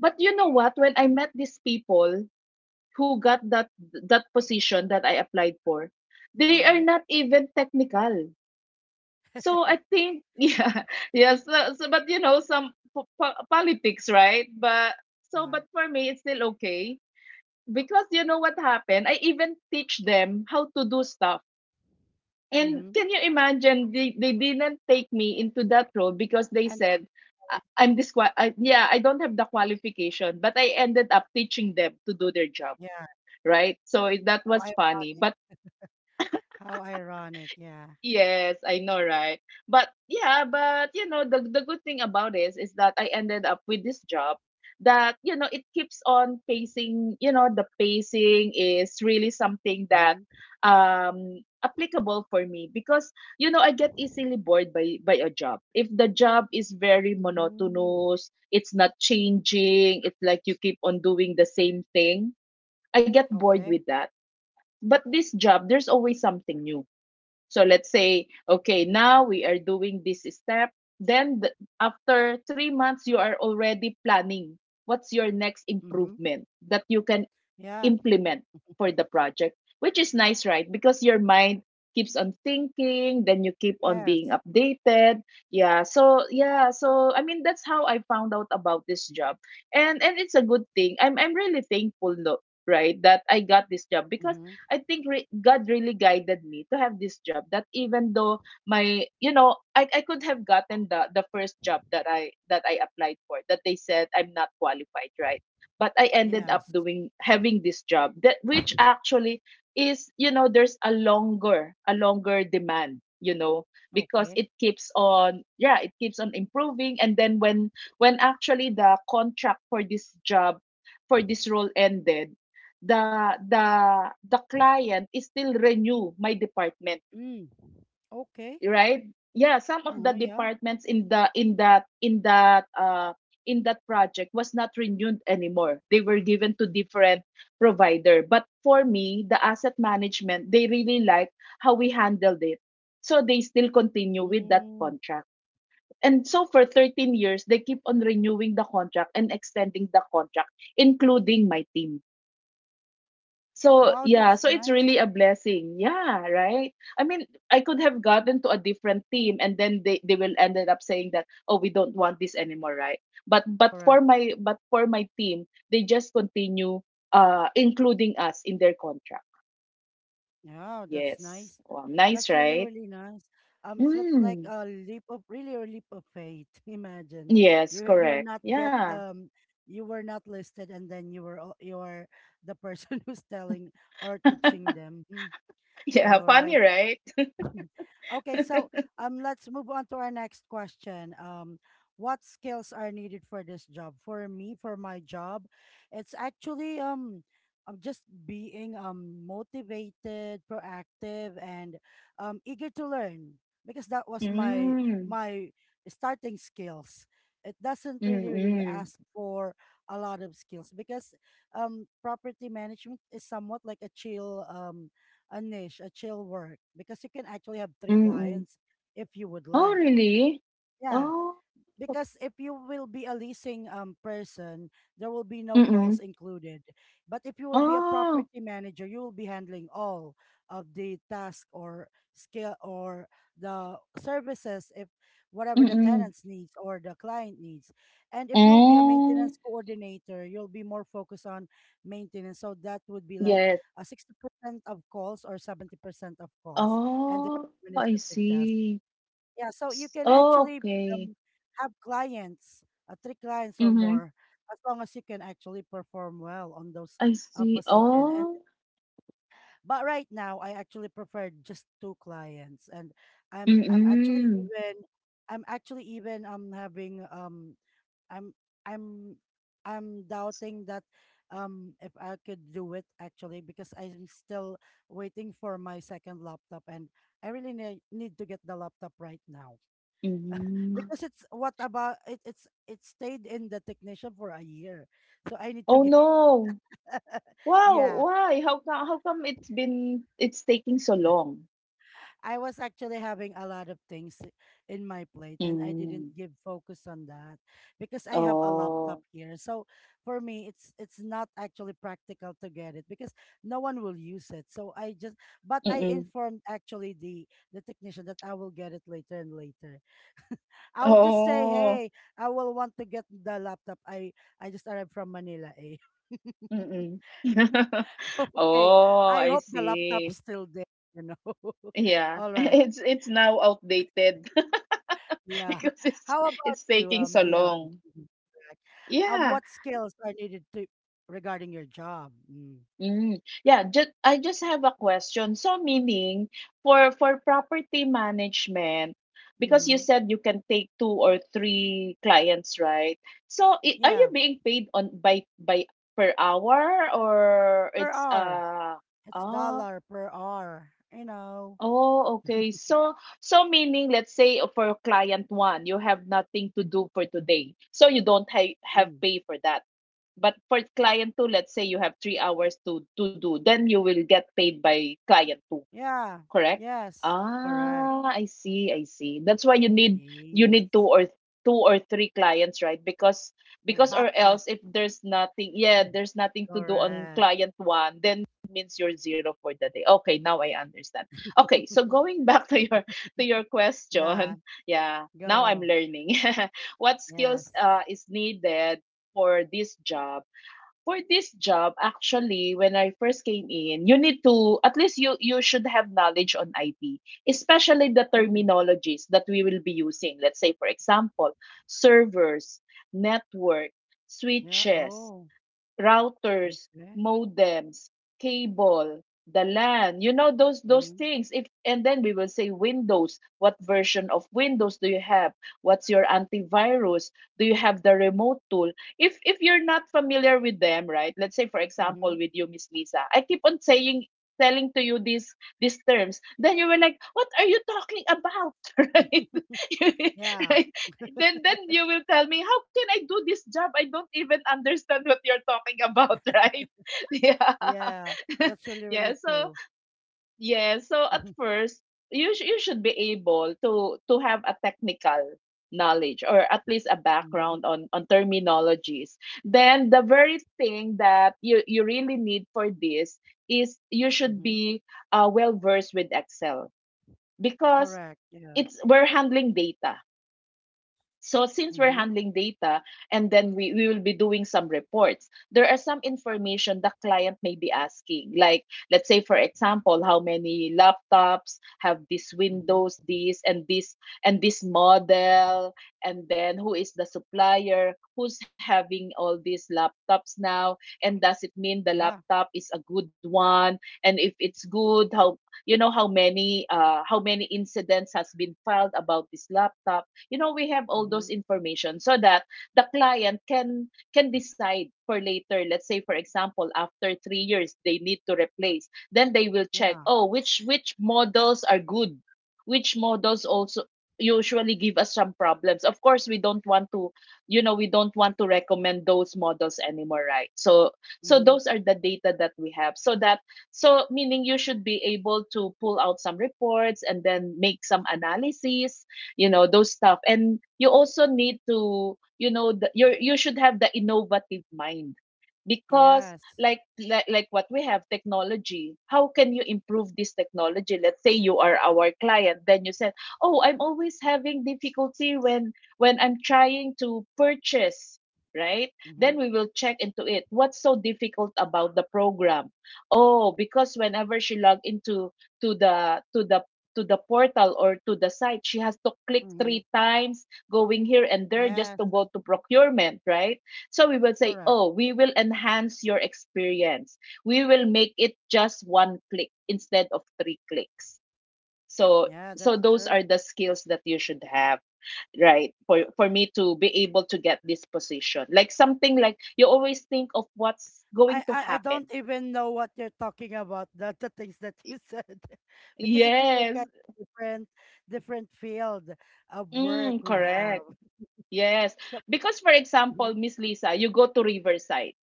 But you know what, when I met these people who got that that position that I applied for,
All
they are
right.
not even technical, so I think, yeah, yeah. So, so but you know, some po- po- politics, right? But so,
Yeah.
but for me, it's still okay because you know what happened. I even teach them how to do stuff. And
Mm-hmm.
can you imagine? They they didn't take me into that role because they
And
said, "I- I'm disqual. I, yeah, I don't have the qualification," but I ended up teaching them to do their job,
yeah.
right? So it- that
How
was funny.
ironic.
But
How ironic. Yeah.
yes, I know, right? But yeah, but you know, the the good thing about this is that I ended up with this job that, you know, it keeps on pacing, you know, the pacing is really something that
Mm-hmm.
um applicable for me because, you know, I get easily bored by by a job. If the job is very
Mm.
monotonous, it's not changing, it's like you keep on doing the same thing, I get bored
Okay.
with that. But this job, there's always something new. So let's say, okay, now we are doing this step. Then the, after three months, you are already planning what's your next
Mm-hmm.
improvement that you can
Yeah.
implement for the project, which is nice, right? Because your mind keeps on thinking, then you keep on
Yes.
being updated. Yeah. So yeah. So I mean, that's how I found out about this job, and and it's a good thing. I'm I'm really thankful, no, right, that I got this job because
Mm-hmm.
I think re- God really guided me to have this job. That even though my, you know, I I could have gotten the the first job that I that I applied for that they said I'm not qualified, right? But I ended up
Yes.
doing having this job that, which actually is, you know, there's a longer a longer demand, you know, because
Okay.
it keeps on, yeah, it keeps on improving. And then when when actually the contract for this job, for this role ended, the the the client is still renew my department,
Mm. Okay.
right? Yeah, some of the
Mm-hmm. Yeah.
departments in the, in that in that uh in that project was not renewed anymore. They were given to different provider, but for me, the asset management, they really like how we handled it, so they still continue with that
Mm.
contract. And so for thirteen years they keep on renewing the contract and extending the contract, including my team. So,
Wow.
yeah,
That's
so it's
nice.
really a blessing. Yeah, right? I mean, I could have gotten to a different team and then they, they will ended up saying that, "Oh, we don't want this anymore," right? But but for
Correct.
my but for my team, they just continue, uh including us in their contract.
Yeah, that's
Yes.
nice.
Wow, nice,
That's really,
right?
really nice. Um, it's what like
Mm.
a leap of really a leap of faith. Imagine
Yes,
you you're
correct.
not get
Yeah.
um you were not listed, and then you were o- you are the person who's telling or teaching them. Mm.
Yeah,
All
funny,
right.
right?
Okay, so um, let's move on to our next question. Um, what skills are needed for this job? For me, for my job, it's actually um, I'm just being um motivated, proactive, and um eager to learn because that was my
Mm.
my starting skills. It doesn't really really
Mm-mm.
ask for a lot of skills because um property management is somewhat like a chill um a niche, a chill work, because you can actually have three
Mm-mm.
clients if you would
Oh,
like.
really?
Yeah.
Oh.
Because if you will be a leasing um, person, there will be no calls
Mm-mm.
included. But if you will be a
Ah,
property manager, you will be handling all of the task or skill or the services, if whatever
mm.
the
Mm.
tenants needs or the client needs. And if you will be a
Oh.
maintenance coordinator, you'll be more focused on maintenance. So that would be like
Yes.
a sixty percent of calls or seventy percent of calls and the
Oh, I
administrative task.
see.
Yeah, so you
S
can
oh,
actually
okay.
um, have clients, uh, three clients or
Mhm.
more, as long as you can actually perform well on those
I
uh,
see.
position. And
Oh,
but right now, I actually prefer just two clients, and I'm I'm actually
mm,
even, I'm actually even um having um I'm I'm I'm doubting that um if I could do it actually, because I'm still waiting for my second laptop and I really need need to get the laptop right now.
mm.
Because it's what about it it's it stayed in the technician for a year, so I need
Oh,
to get
no. Wow,
yeah,
why? How come how come it's been, it's taking so long?
I was actually having a lot of things in my plate and I didn't
Mm.
give focus on that because I have a laptop
Oh,
here, so for me it's it's not actually practical to get it because no one will use it, so I just, but I
mm.
informed actually the the technician that I will get it later, and later I will just say,
Oh,
hey, I will want to get the laptop. I I just arrived from Manila, eh.
mm.
Okay.
Oh,
I
I
hope the
see.
laptop's still there, you know.
Yeah.
All right.
It's it's now outdated.
Yeah.
because it's
How about
it's
you,
taking
um,
so
Dion?
long.
Mhm. Correct. Um,
Yeah.
what skills are needed to regarding your job? Mm.
Mm. Yeah, just I just have a question. So meaning for for property management, because you
Mm-hmm.
said you can take two or three clients, right? So, i- are you
Yeah.
being paid on by by per hour or
Per
it's
hour.
uh
It's
oh,
dollar per hour, you know.
oh okay. So so meaning, let's say for client one, you have nothing to do for today. So you don't ha- have
Mm.
pay for that. But for client two, let's say you have three hours to to do, then you will get paid by client two,
Yeah.
correct?
Yes. Correct.
Ah, I see, I see. That's why you need, you
Yes.
need two or two or three clients, right? Because
Or
because or
back up.
else if there's nothing, yeah, there's nothing to do on
Correct.
client one, then means you're zero for the day. Okay, now I understand. Okay, so going back to your to your
Yeah,
question, yeah, now I'm
go.
learning. What
Yes.
skills uh, is needed for this job? For this job, actually, when I first came in, you need to, at least you you should have knowledge on I T, especially the
Mm.
terminologies that we will be using. Let's say, for example, servers, network,
Yeah.
switches.
Oh,
Routers,
okay.
modems, cable, the LAN, you know those those
Mm-hmm.
things. If and then we will say Windows, what version of Windows do you have? What's your antivirus? Do you have the remote tool? If if you're not familiar with them, right? Let's say for
Mm-hmm.
example with you, Miss Lisa, I keep on saying telling to you these these terms, then you were like, what are you talking about? Right?
Yeah.
Right? then then you will tell me, how can I do this job? I don't even understand what you're talking about. Right? Yeah.
Yeah. That's really,
yeah
really
so
true.
yeah so at first, you sh- you should be able to to have a technical knowledge, or at least a
Mm-hmm.
background on on terminologies. Then the very thing that you you really need for this is, you should
Mm-hmm. Mm-hmm.
be uh, well versed with Excel, because
Correct. Yeah.
it's we're handling data. So since we're
Mm-hmm.
handling data, and then we, we will be doing some reports, there are some information the client may be asking. Like, let's say, for example, how many laptops have this Windows,
Mm-hmm.
this and this and this model, and then who is the supplier, who's having all these laptops now, and does it mean the
Yeah.
laptop is a good one? And if it's good, how, you know, how many uh how many incidents has been filed about this laptop? You know, we have all those
Mm-hmm.
information so that the client can can decide for later. Let's say for example after three years they need to replace, then they will check,
Yeah.
oh, which which models are good, which models also usually give us some problems. Of course we don't want to, you know, we don't want to recommend those models anymore, right? So so
Mm-hmm.
those are the data that we have, so that, so meaning, you should be able to pull out some reports and then make some analysis, you know, those stuff. And you also need to, you know, the, you you should have the innovative mind, because
Yes.
like, like like what we have technology, how can you improve this technology? Let's say you are our client, then you said, oh, I'm always having difficulty when when I'm trying to purchase, right?
Mm-hmm.
Then we will check into it, what's so difficult about the program? Oh, because whenever she log into to the to the to the portal or to the site, she has to click
Mm-hmm.
three times going here and there just
Yes.
to go to procurement, right? So we will say,
Correct.
oh, we will enhance your experience. We will make it just one click instead of three clicks. So
Yeah,
so
that's
those
true.
are the skills that you should have, right? For for me to be able to get this position, like something like you always think of what's going
I,
to
I I don't
happen.
even know what you're talking about. The the things that you said, because it's really
Yes.
kind of different different field of work
Mm,
we have.
correct. Yes.
So
Because, for example,
mhm,
Miss Lisa, you go to Riverside,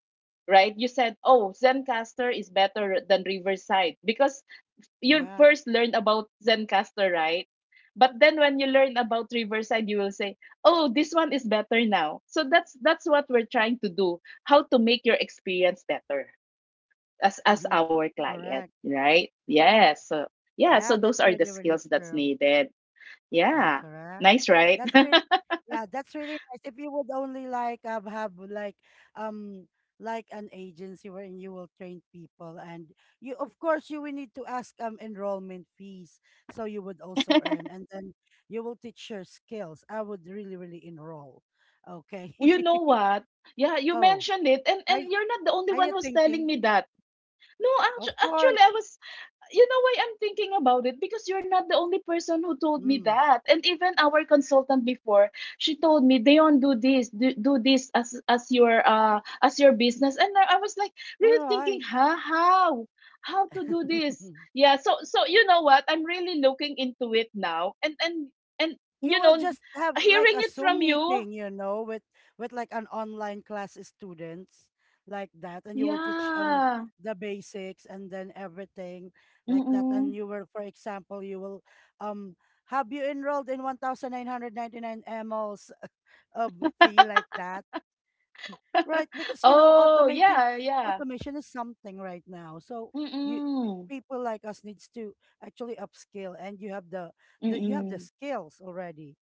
right? You said, oh, Zencaster is better than Riverside, because you
yeah,
first learn about Zencaster, right? But then when you learn about Riverside, you will say, "Oh, this one is better now." So that's that's what we're trying to do: how to make your experience better as as
hmm
our client,
correct.
right? Yes. So yeah, so
Yeah,
those
that's
are the
really really
skills that's
true.
needed.
Yeah,
Yeah,
correct.
nice, right?
That's really, yeah, that's really nice. If you would only like um, have, like, um like an agency wherein you will train people, and you of course you will need to ask um enrollment fees, so you would also earn and then you will teach your skills. I would really, really enroll. Okay.
You know what? Yeah, you
Oh,
mentioned it, and
are y-
and you're not the only
are you
one who's telling
thinking?
me that. No, actu-
Of
actually, I
course.
was, you know why I'm thinking about it, because you're not the only person who told me
Mm.
that. And even our consultant before, she told me, "Dion, do this, do, do this as as your uh as your business." And I I was like, really
All
thinking,
right.
"Huh? How? How to do this?" Yeah. So so you know what? I'm really looking into it now, and and and,
You
you
will
know,
just have like
hearing
a
it
Zoom
from you,
meeting, you know, with with like an online class students like that, and you will teach um
yeah.
the basics and then everything like that.
Mm-mm.
And you will, for example, you will um have you enrolled in one thousand nine hundred ninety nine mLs of fee like that. Right, because you know
Oh
automation
yeah, yeah.
automation is something right now. So you,
Mm-mm.
people like us needs to actually upskill, and you have the, the you have the
Mm-mm.
skills already,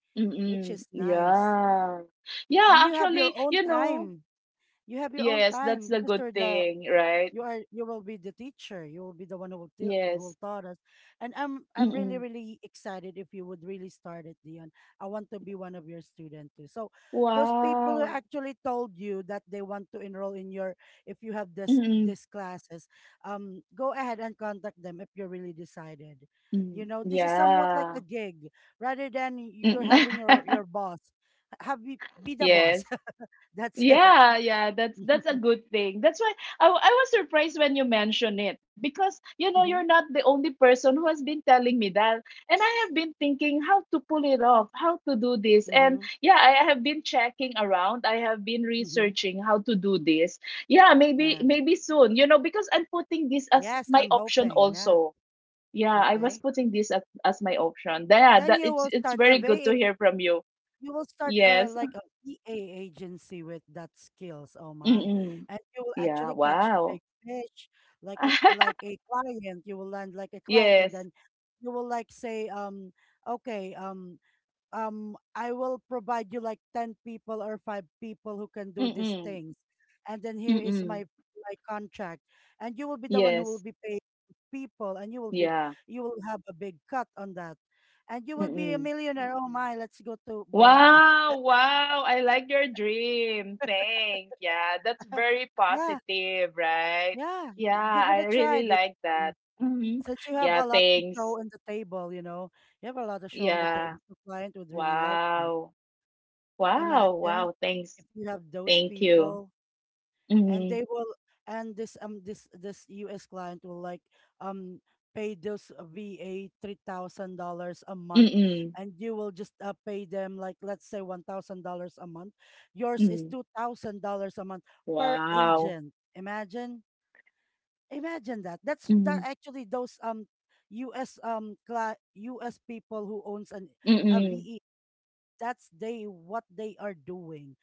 which
Mm-mm.
is nice.
Yeah. Yeah,
And you have your
actually,
own
you know,
time. You have your own
yes, that's
time
the
because
good
you're the
thing, right?
you are you will be the teacher. You will be the one who will til- who
Yes.
will taught us. And I'm I'm really
Mm-mm.
really excited if you would really start it, Dion. I want to be one of your students too. So those people who
Wow.
actually told you that they want to enroll in your if you have this
Mm-mm.
this classes, um, go ahead and contact them if you're really decided. You
Mm.
know, this is somewhat like
Yeah.
a gig rather than you're
Mm.
having your your boss. Have be, be the boss.
Yes.
That's it.
Yeah, yeah, that's that's a good thing. That's why I, w- I was surprised when you mentioned it, because, you know, you're not the only person who has been telling me that, and I have been thinking how to pull it off, how to do this, and
Mhm,
yeah, I have been checking around, I have been
mhm.
researching how to do this. Yeah, maybe
Yes.
maybe soon, you know, because I'm putting this as
Yes,
my
I'm
option
hoping. Yeah.
also. Yeah, I was
Okay.
putting this as, as my option. Yeah,
Then
that
you
it's
will
it's
start a
very good to
V A,
hear from you.
you will start uh,
Yes.
like a V A agency with that skills. Oh my.
Mm-mm.
And you will
Yeah,
actually catch a
wow.
big fish, like a like a client. You will land like a client, and
Yes.
then you will like say, um, okay, um, um I will provide you like ten people or five people who can do these
Mm-mm.
things, and then here is
Mm-mm.
my my contract, and you will be the one who will
Yes.
be paid people, and you will be
Yeah.
you will have a big cut on that, and you will be a
Mm-mm.
millionaire. Oh my, let's go to Boracay.
Wow, wow. I like your dream. Thanks. Yeah, that's very
Yeah,
positive, right?
yeah,
Yeah,
give it
I
a try,
really
dear
like
one.
that. Mm-hmm.
Since you have
Yeah,
a lot to show
thanks.
on the table, you know you have a lot to show on the
Yeah.
table, the client would really like you.
Wow. Wow,
Imagine
wow. Thanks.
if you have those
Thank you.
people, and
Mm-hmm.
they will and this um this this U S client will like um pay those uh, V A three thousand dollars a month,
Mm-mm.
and you will just uh, pay them like, let's say, one thousand dollars a month. Yours is
Mm.
two thousand dollars a month per
Wow.
agent. Imagine, imagine that that's
Mm-hmm.
that actually those um U S, um cli U S people who owns an a
Mm-mm.
V E, that's they what they are doing.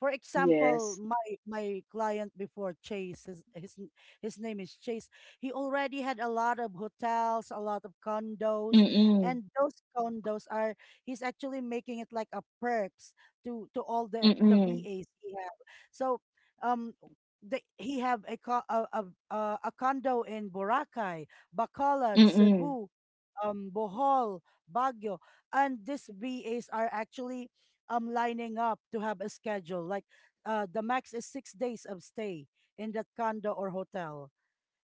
For
Yes.
example, my my client before Chase, his his, n- his name is Chase. He already had a lot of hotels, a lot of condos,
Mm-mm.
and those condos are he's actually making it like a perks to to all the the
Mm-mm.
V As he have. So, um, the, he have a, co- a a a a condo in Boracay, Bacolod,
Mm-mm.
Cebu, um, Bohol, Baguio, and these V As are actually um lining up to have a schedule. Like uh the max is six days of stay in that condo or hotel,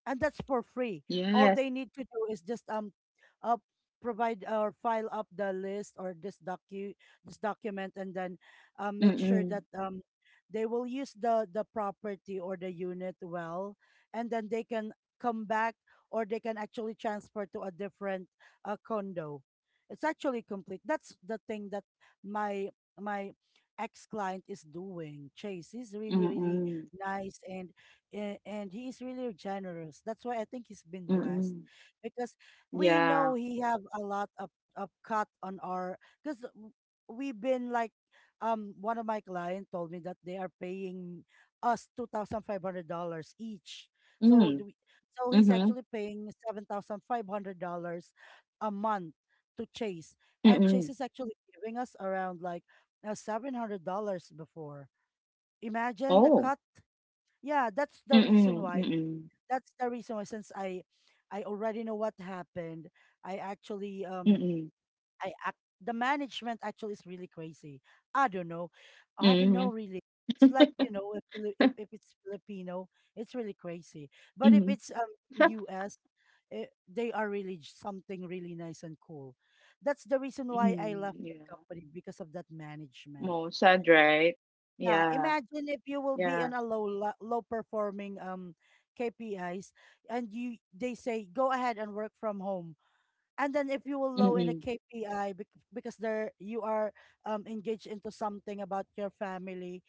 and that's for free. All
Yes.
they need to do is just um, uh, provide or file up the list or this docu this document, and then um, make sure that
Mm.
um, they will use the the property or the unit well, and then they can come back, or they can actually transfer to a different uh, condo. It's actually complete. That's the thing that my my ex client is doing. Chase is really really
Mm.
nice and a- and he is really generous. That's why I think he's been blessed
Mm.
because we
Yeah.
know he have a lot of, of cut on our, because we've been like um one of my client told me that they are paying us two thousand five hundred dollars each. So
Mm.
do we, so he's
Mhm.
actually paying seven thousand five hundred dollars a month to Chase, and Chase
Mm.
is actually giving us around like uh, seven hundred dollars before. Imagine the
Oh.
cut. Yeah, that's the reason
Mm.
why
Mm.
that's the reason why since i i already know what happened, I actually um
Mm.
I act the management actually is really crazy. I don't know, i don't
Mhm.
know really It's like, you know, if Fili- if, if it's Filipino, it's really crazy, but if
Mhm.
it's um us, eh, they are really j- something really nice and cool. That's the reason why I
Mm.
left the
Yeah.
company, because of that management.
Oh, sad, right?
Yeah,
Yeah.
imagine if you will be
Yeah.
on a low lo- low performing um K P Is, and you, they say go ahead and work from home. And then if you will low in a
Mm.
K P I bec- because there you are um engaged into something about your family,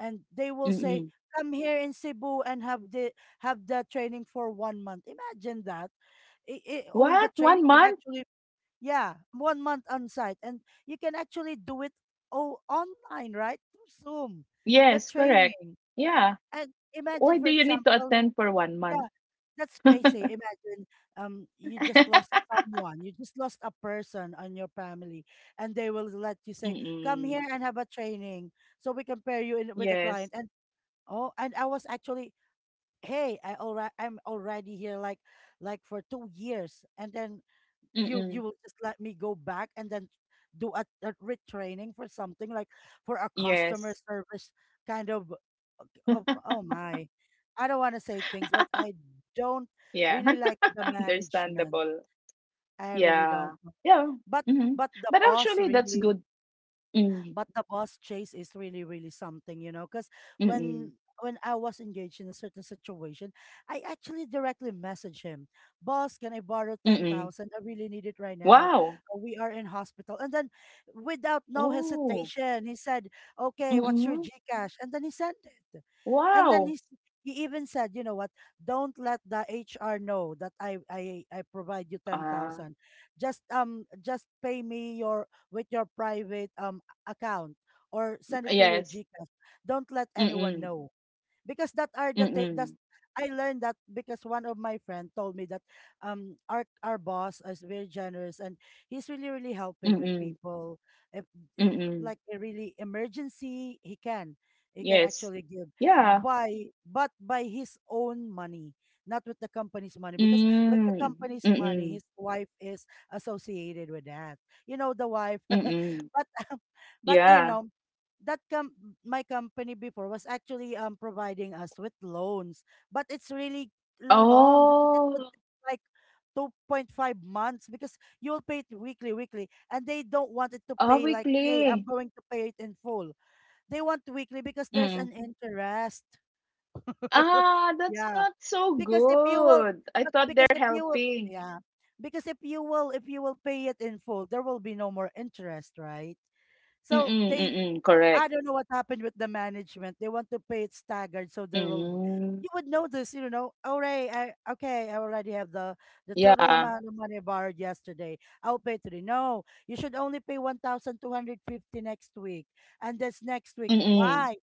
and they will say
Mm.
come here in Cebu and have the have the training for one month. Imagine that. It, it, on the
What? One
training can
month?
actually, yeah, one month on site, and you can actually do it all online, right? Through Zoom, the
Yes, correct.
training.
Yeah.
And imagine,
Why
for
do you need to
example,
attend for one month?
yeah, that's crazy. Imagine, um, you just lost someone, you just lost a person on your family, and they will let you say, "Come
Mm.
here and have a training," so we can pair you in with a
Yes.
client. And, oh, and I was actually, hey, I already, I'm already here, like, like for two years, and then you you
Mm.
will just let me go back and then do a, a retraining for something like for a customer
Yes.
service kind of. Oh, oh my, I don't want to say things, but I don't
Yeah.
really like the management.
Understandable.
I really don't.
Yeah. Yeah.
but
Mhm.
but the
But
boss
actually, that's
really
good. Mm.
but the boss Chase is really really something, you know, because when
Mm-mm.
when I was engaged in a certain situation, I actually directly messaged him, "Boss, can I borrow ten
Mm-mm.
thousand? I really need it right now.
Wow.
Uh, We are in hospital." And then, without no
Oh.
hesitation, he said, "Okay, what's your
Mm-mm.
GCash?" And then he sent it. And then he
Wow.
s- he even said, "You know what? Don't let the H R know that I I I provide you ten
Ah.
thousand. Just um just pay me your, with your private um account, or send it through your
Yes.
GCash. Don't let anyone
Mm-mm.
know, because that are the t- that's,
Mm-mm.
I learned that because one of my friend told me that um our our boss is very generous, and he's really really helping with
Mm-mm.
people if, if
Mm-mm.
like a really emergency, he can, he can
Yes.
actually give
Yeah.
by, but by his own money, not with the company's money, because with the
Mm.
company's money
Mm-mm.
his wife is associated with that. You know, the wife,
Mm-mm.
but but you
Yeah.
know, that com- my company before was actually um providing us with loans, but it's really long because it would
Oh.
take like two point five months, because you'll pay it weekly, weekly, and they don't want it to
Ah,
pay like, hey, I'm
weekly.
going to pay it in full. They want weekly because there's
Mm.
an interest.
Ah, that's
Yeah,
not so
because if you will,
good. I
but
thought they're
because if you will,
helping.
yeah, because if you will, if you will pay it in full, there will be no more interest, right? So
Mm-mm.
they,
Mm-mm. Correct.
I don't know what happened with the management. They want to pay it staggered, so there will be.
Mm,
You would notice, you know, all right, I, okay, I already have the the total
yeah,
amount of money borrowed yesterday. I'll pay today. No, you should only pay one thousand two hundred fifty next week, and that's next week.
mm.
Why?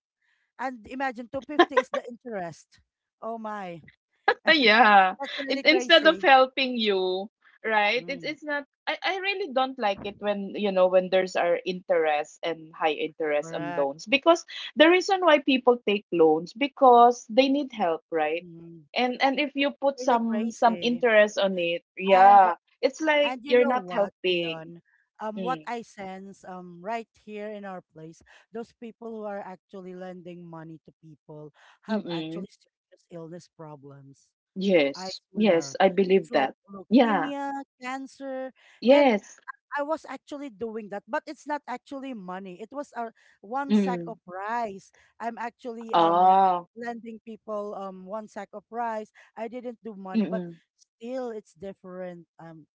And imagine two fifty is the interest. Oh my,
Yeah,
that's
it's
really
instead of
crazy.
helping you, right? It's
Mm,
it's not. I, I really don't like it when, you know, when there's our interest and high interest on
correct.
loans, because the reason why people take loans because they need help, right?
Mm,
And and if you put
really
some some
crazy.
interest on it,
And
yeah, it's like
And you
you're
know
not
what,
helping.
Dion? Um, what
Mm,
I sense um right here in our place, those people who are actually lending money to people have
mm-mm.
actually serious illness problems. I
Yes, yes,
swear.
I believe
It's like
that. Yeah,
leukemia, cancer, and
yes.
I was actually doing that, but it's not actually money. It was a one sack
Mm.
of rice. I'm actually um
Oh,
lending people um one sack of rice. I didn't do money, but
mm-mm,
still it's different. Um,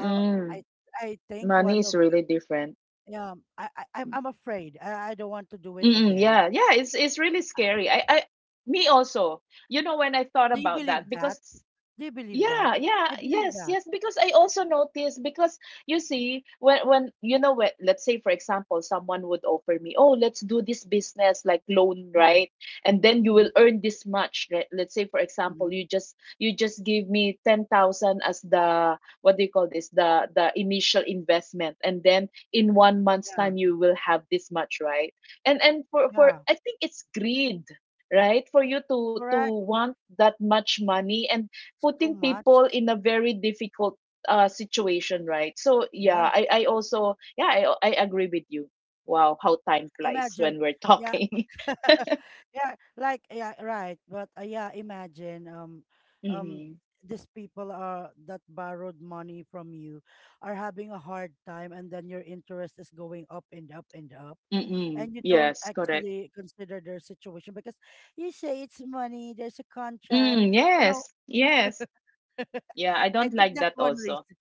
oh, I I think
Money
one
is
of my,
really different.
yeah. I I I'm I'm afraid. I I don't want to do it
Mm-mm,
again.
yeah, yeah, it's it's really scary. I, I, me also. You know, when I thought
Do you
about that,
believe
because,
that? Do you believe that?
yeah, yeah,
I believe
yes,
that.
yes. Because I also noticed, because you see, when when you know what, let's say for example, someone would offer me, oh, let's do this business like loan,
Mm,
right? And then you
hmm,
will earn this much, right? Let's say for example,
hmm.
you just you just give me ten thousand as the, what do you call this, the the initial investment, and then in one month's
Yeah,
time you will have this much, right? And and for for
yeah,
I think it's greed. Right, for you to to
correct.
want that much money, and
Too
putting
much.
people in a very difficult uh situation, right? So yeah,
Yeah.
I I also, yeah, I I agree with you. Wow, how time flies
Imagine.
when we're
Yeah.
talking.
Yeah, like, yeah, right, but uh, yeah, imagine um um
Mm-hmm.
these people are that borrowed money from you are having a hard time, and then your interest is going up and up and up,
Mm-mm.
and you don't
Yes, correct.
actually consider their situation, because you say it's money, there's a contract,
Mm,
you know.
yes, yes. Yeah, I
i
don't
think
like
that's
that
one
also.
reason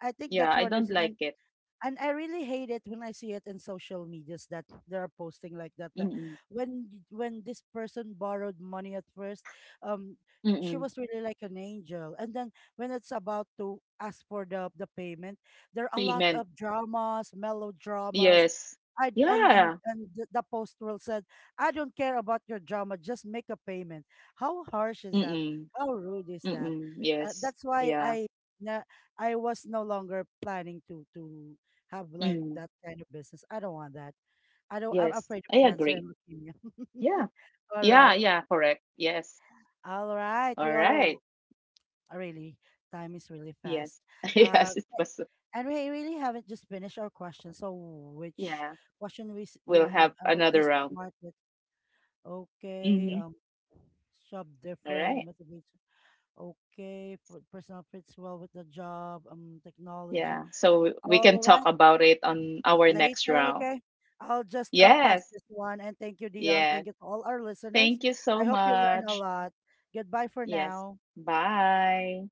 I think
Yeah,
that's
I
one
don't
reason,
like it.
and I really hate it when I see it in social medias that they're posting like that. That
Mm-mm.
when y- when this person borrowed money at first, um, she
Mm-mm.
was really like an angel. And then when it's about to ask for the the payment, there are a lot
Payment.
of dramas, melodramas,
Yes.
I and and
Yeah.
and the, the postal said, "I don't care about your drama. Just make a payment." How harsh is that?
Mm-mm.
How rude is that?
Mm-mm.
Uh,
Yes.
that's why
Yeah.
I na I was no longer planning to to have like
Mm.
that kind of business. I don't want that. I don't. I'm
Yes.
afraid of
I
cancer
agree.
and leukemia.
Yeah.
All
Yeah,
right,
yeah, correct. Yes.
all right.
All
We
right.
all really time is really fast.
Yes.
Uh,
Yes, it was.
and we really haven't just finished our question. So which
Yeah.
question we s-
We'll
we
have
I will
another
just
round.
mark it. Okay,
Mm-hmm.
um, shop
All
different
right.
motivation. Okay, for personal fits well with the job, um, technology.
Yeah. So we can
All
talk
right,
about it on our next
later.
round.
Okay, I'll just um pass
Yes.
this one. And thank you, Dion.
Yes.
Thank you to all our listeners.
Thank you
I
so
hope you learn a
much.
lot. Goodbye for
Yes.
now.
Bye.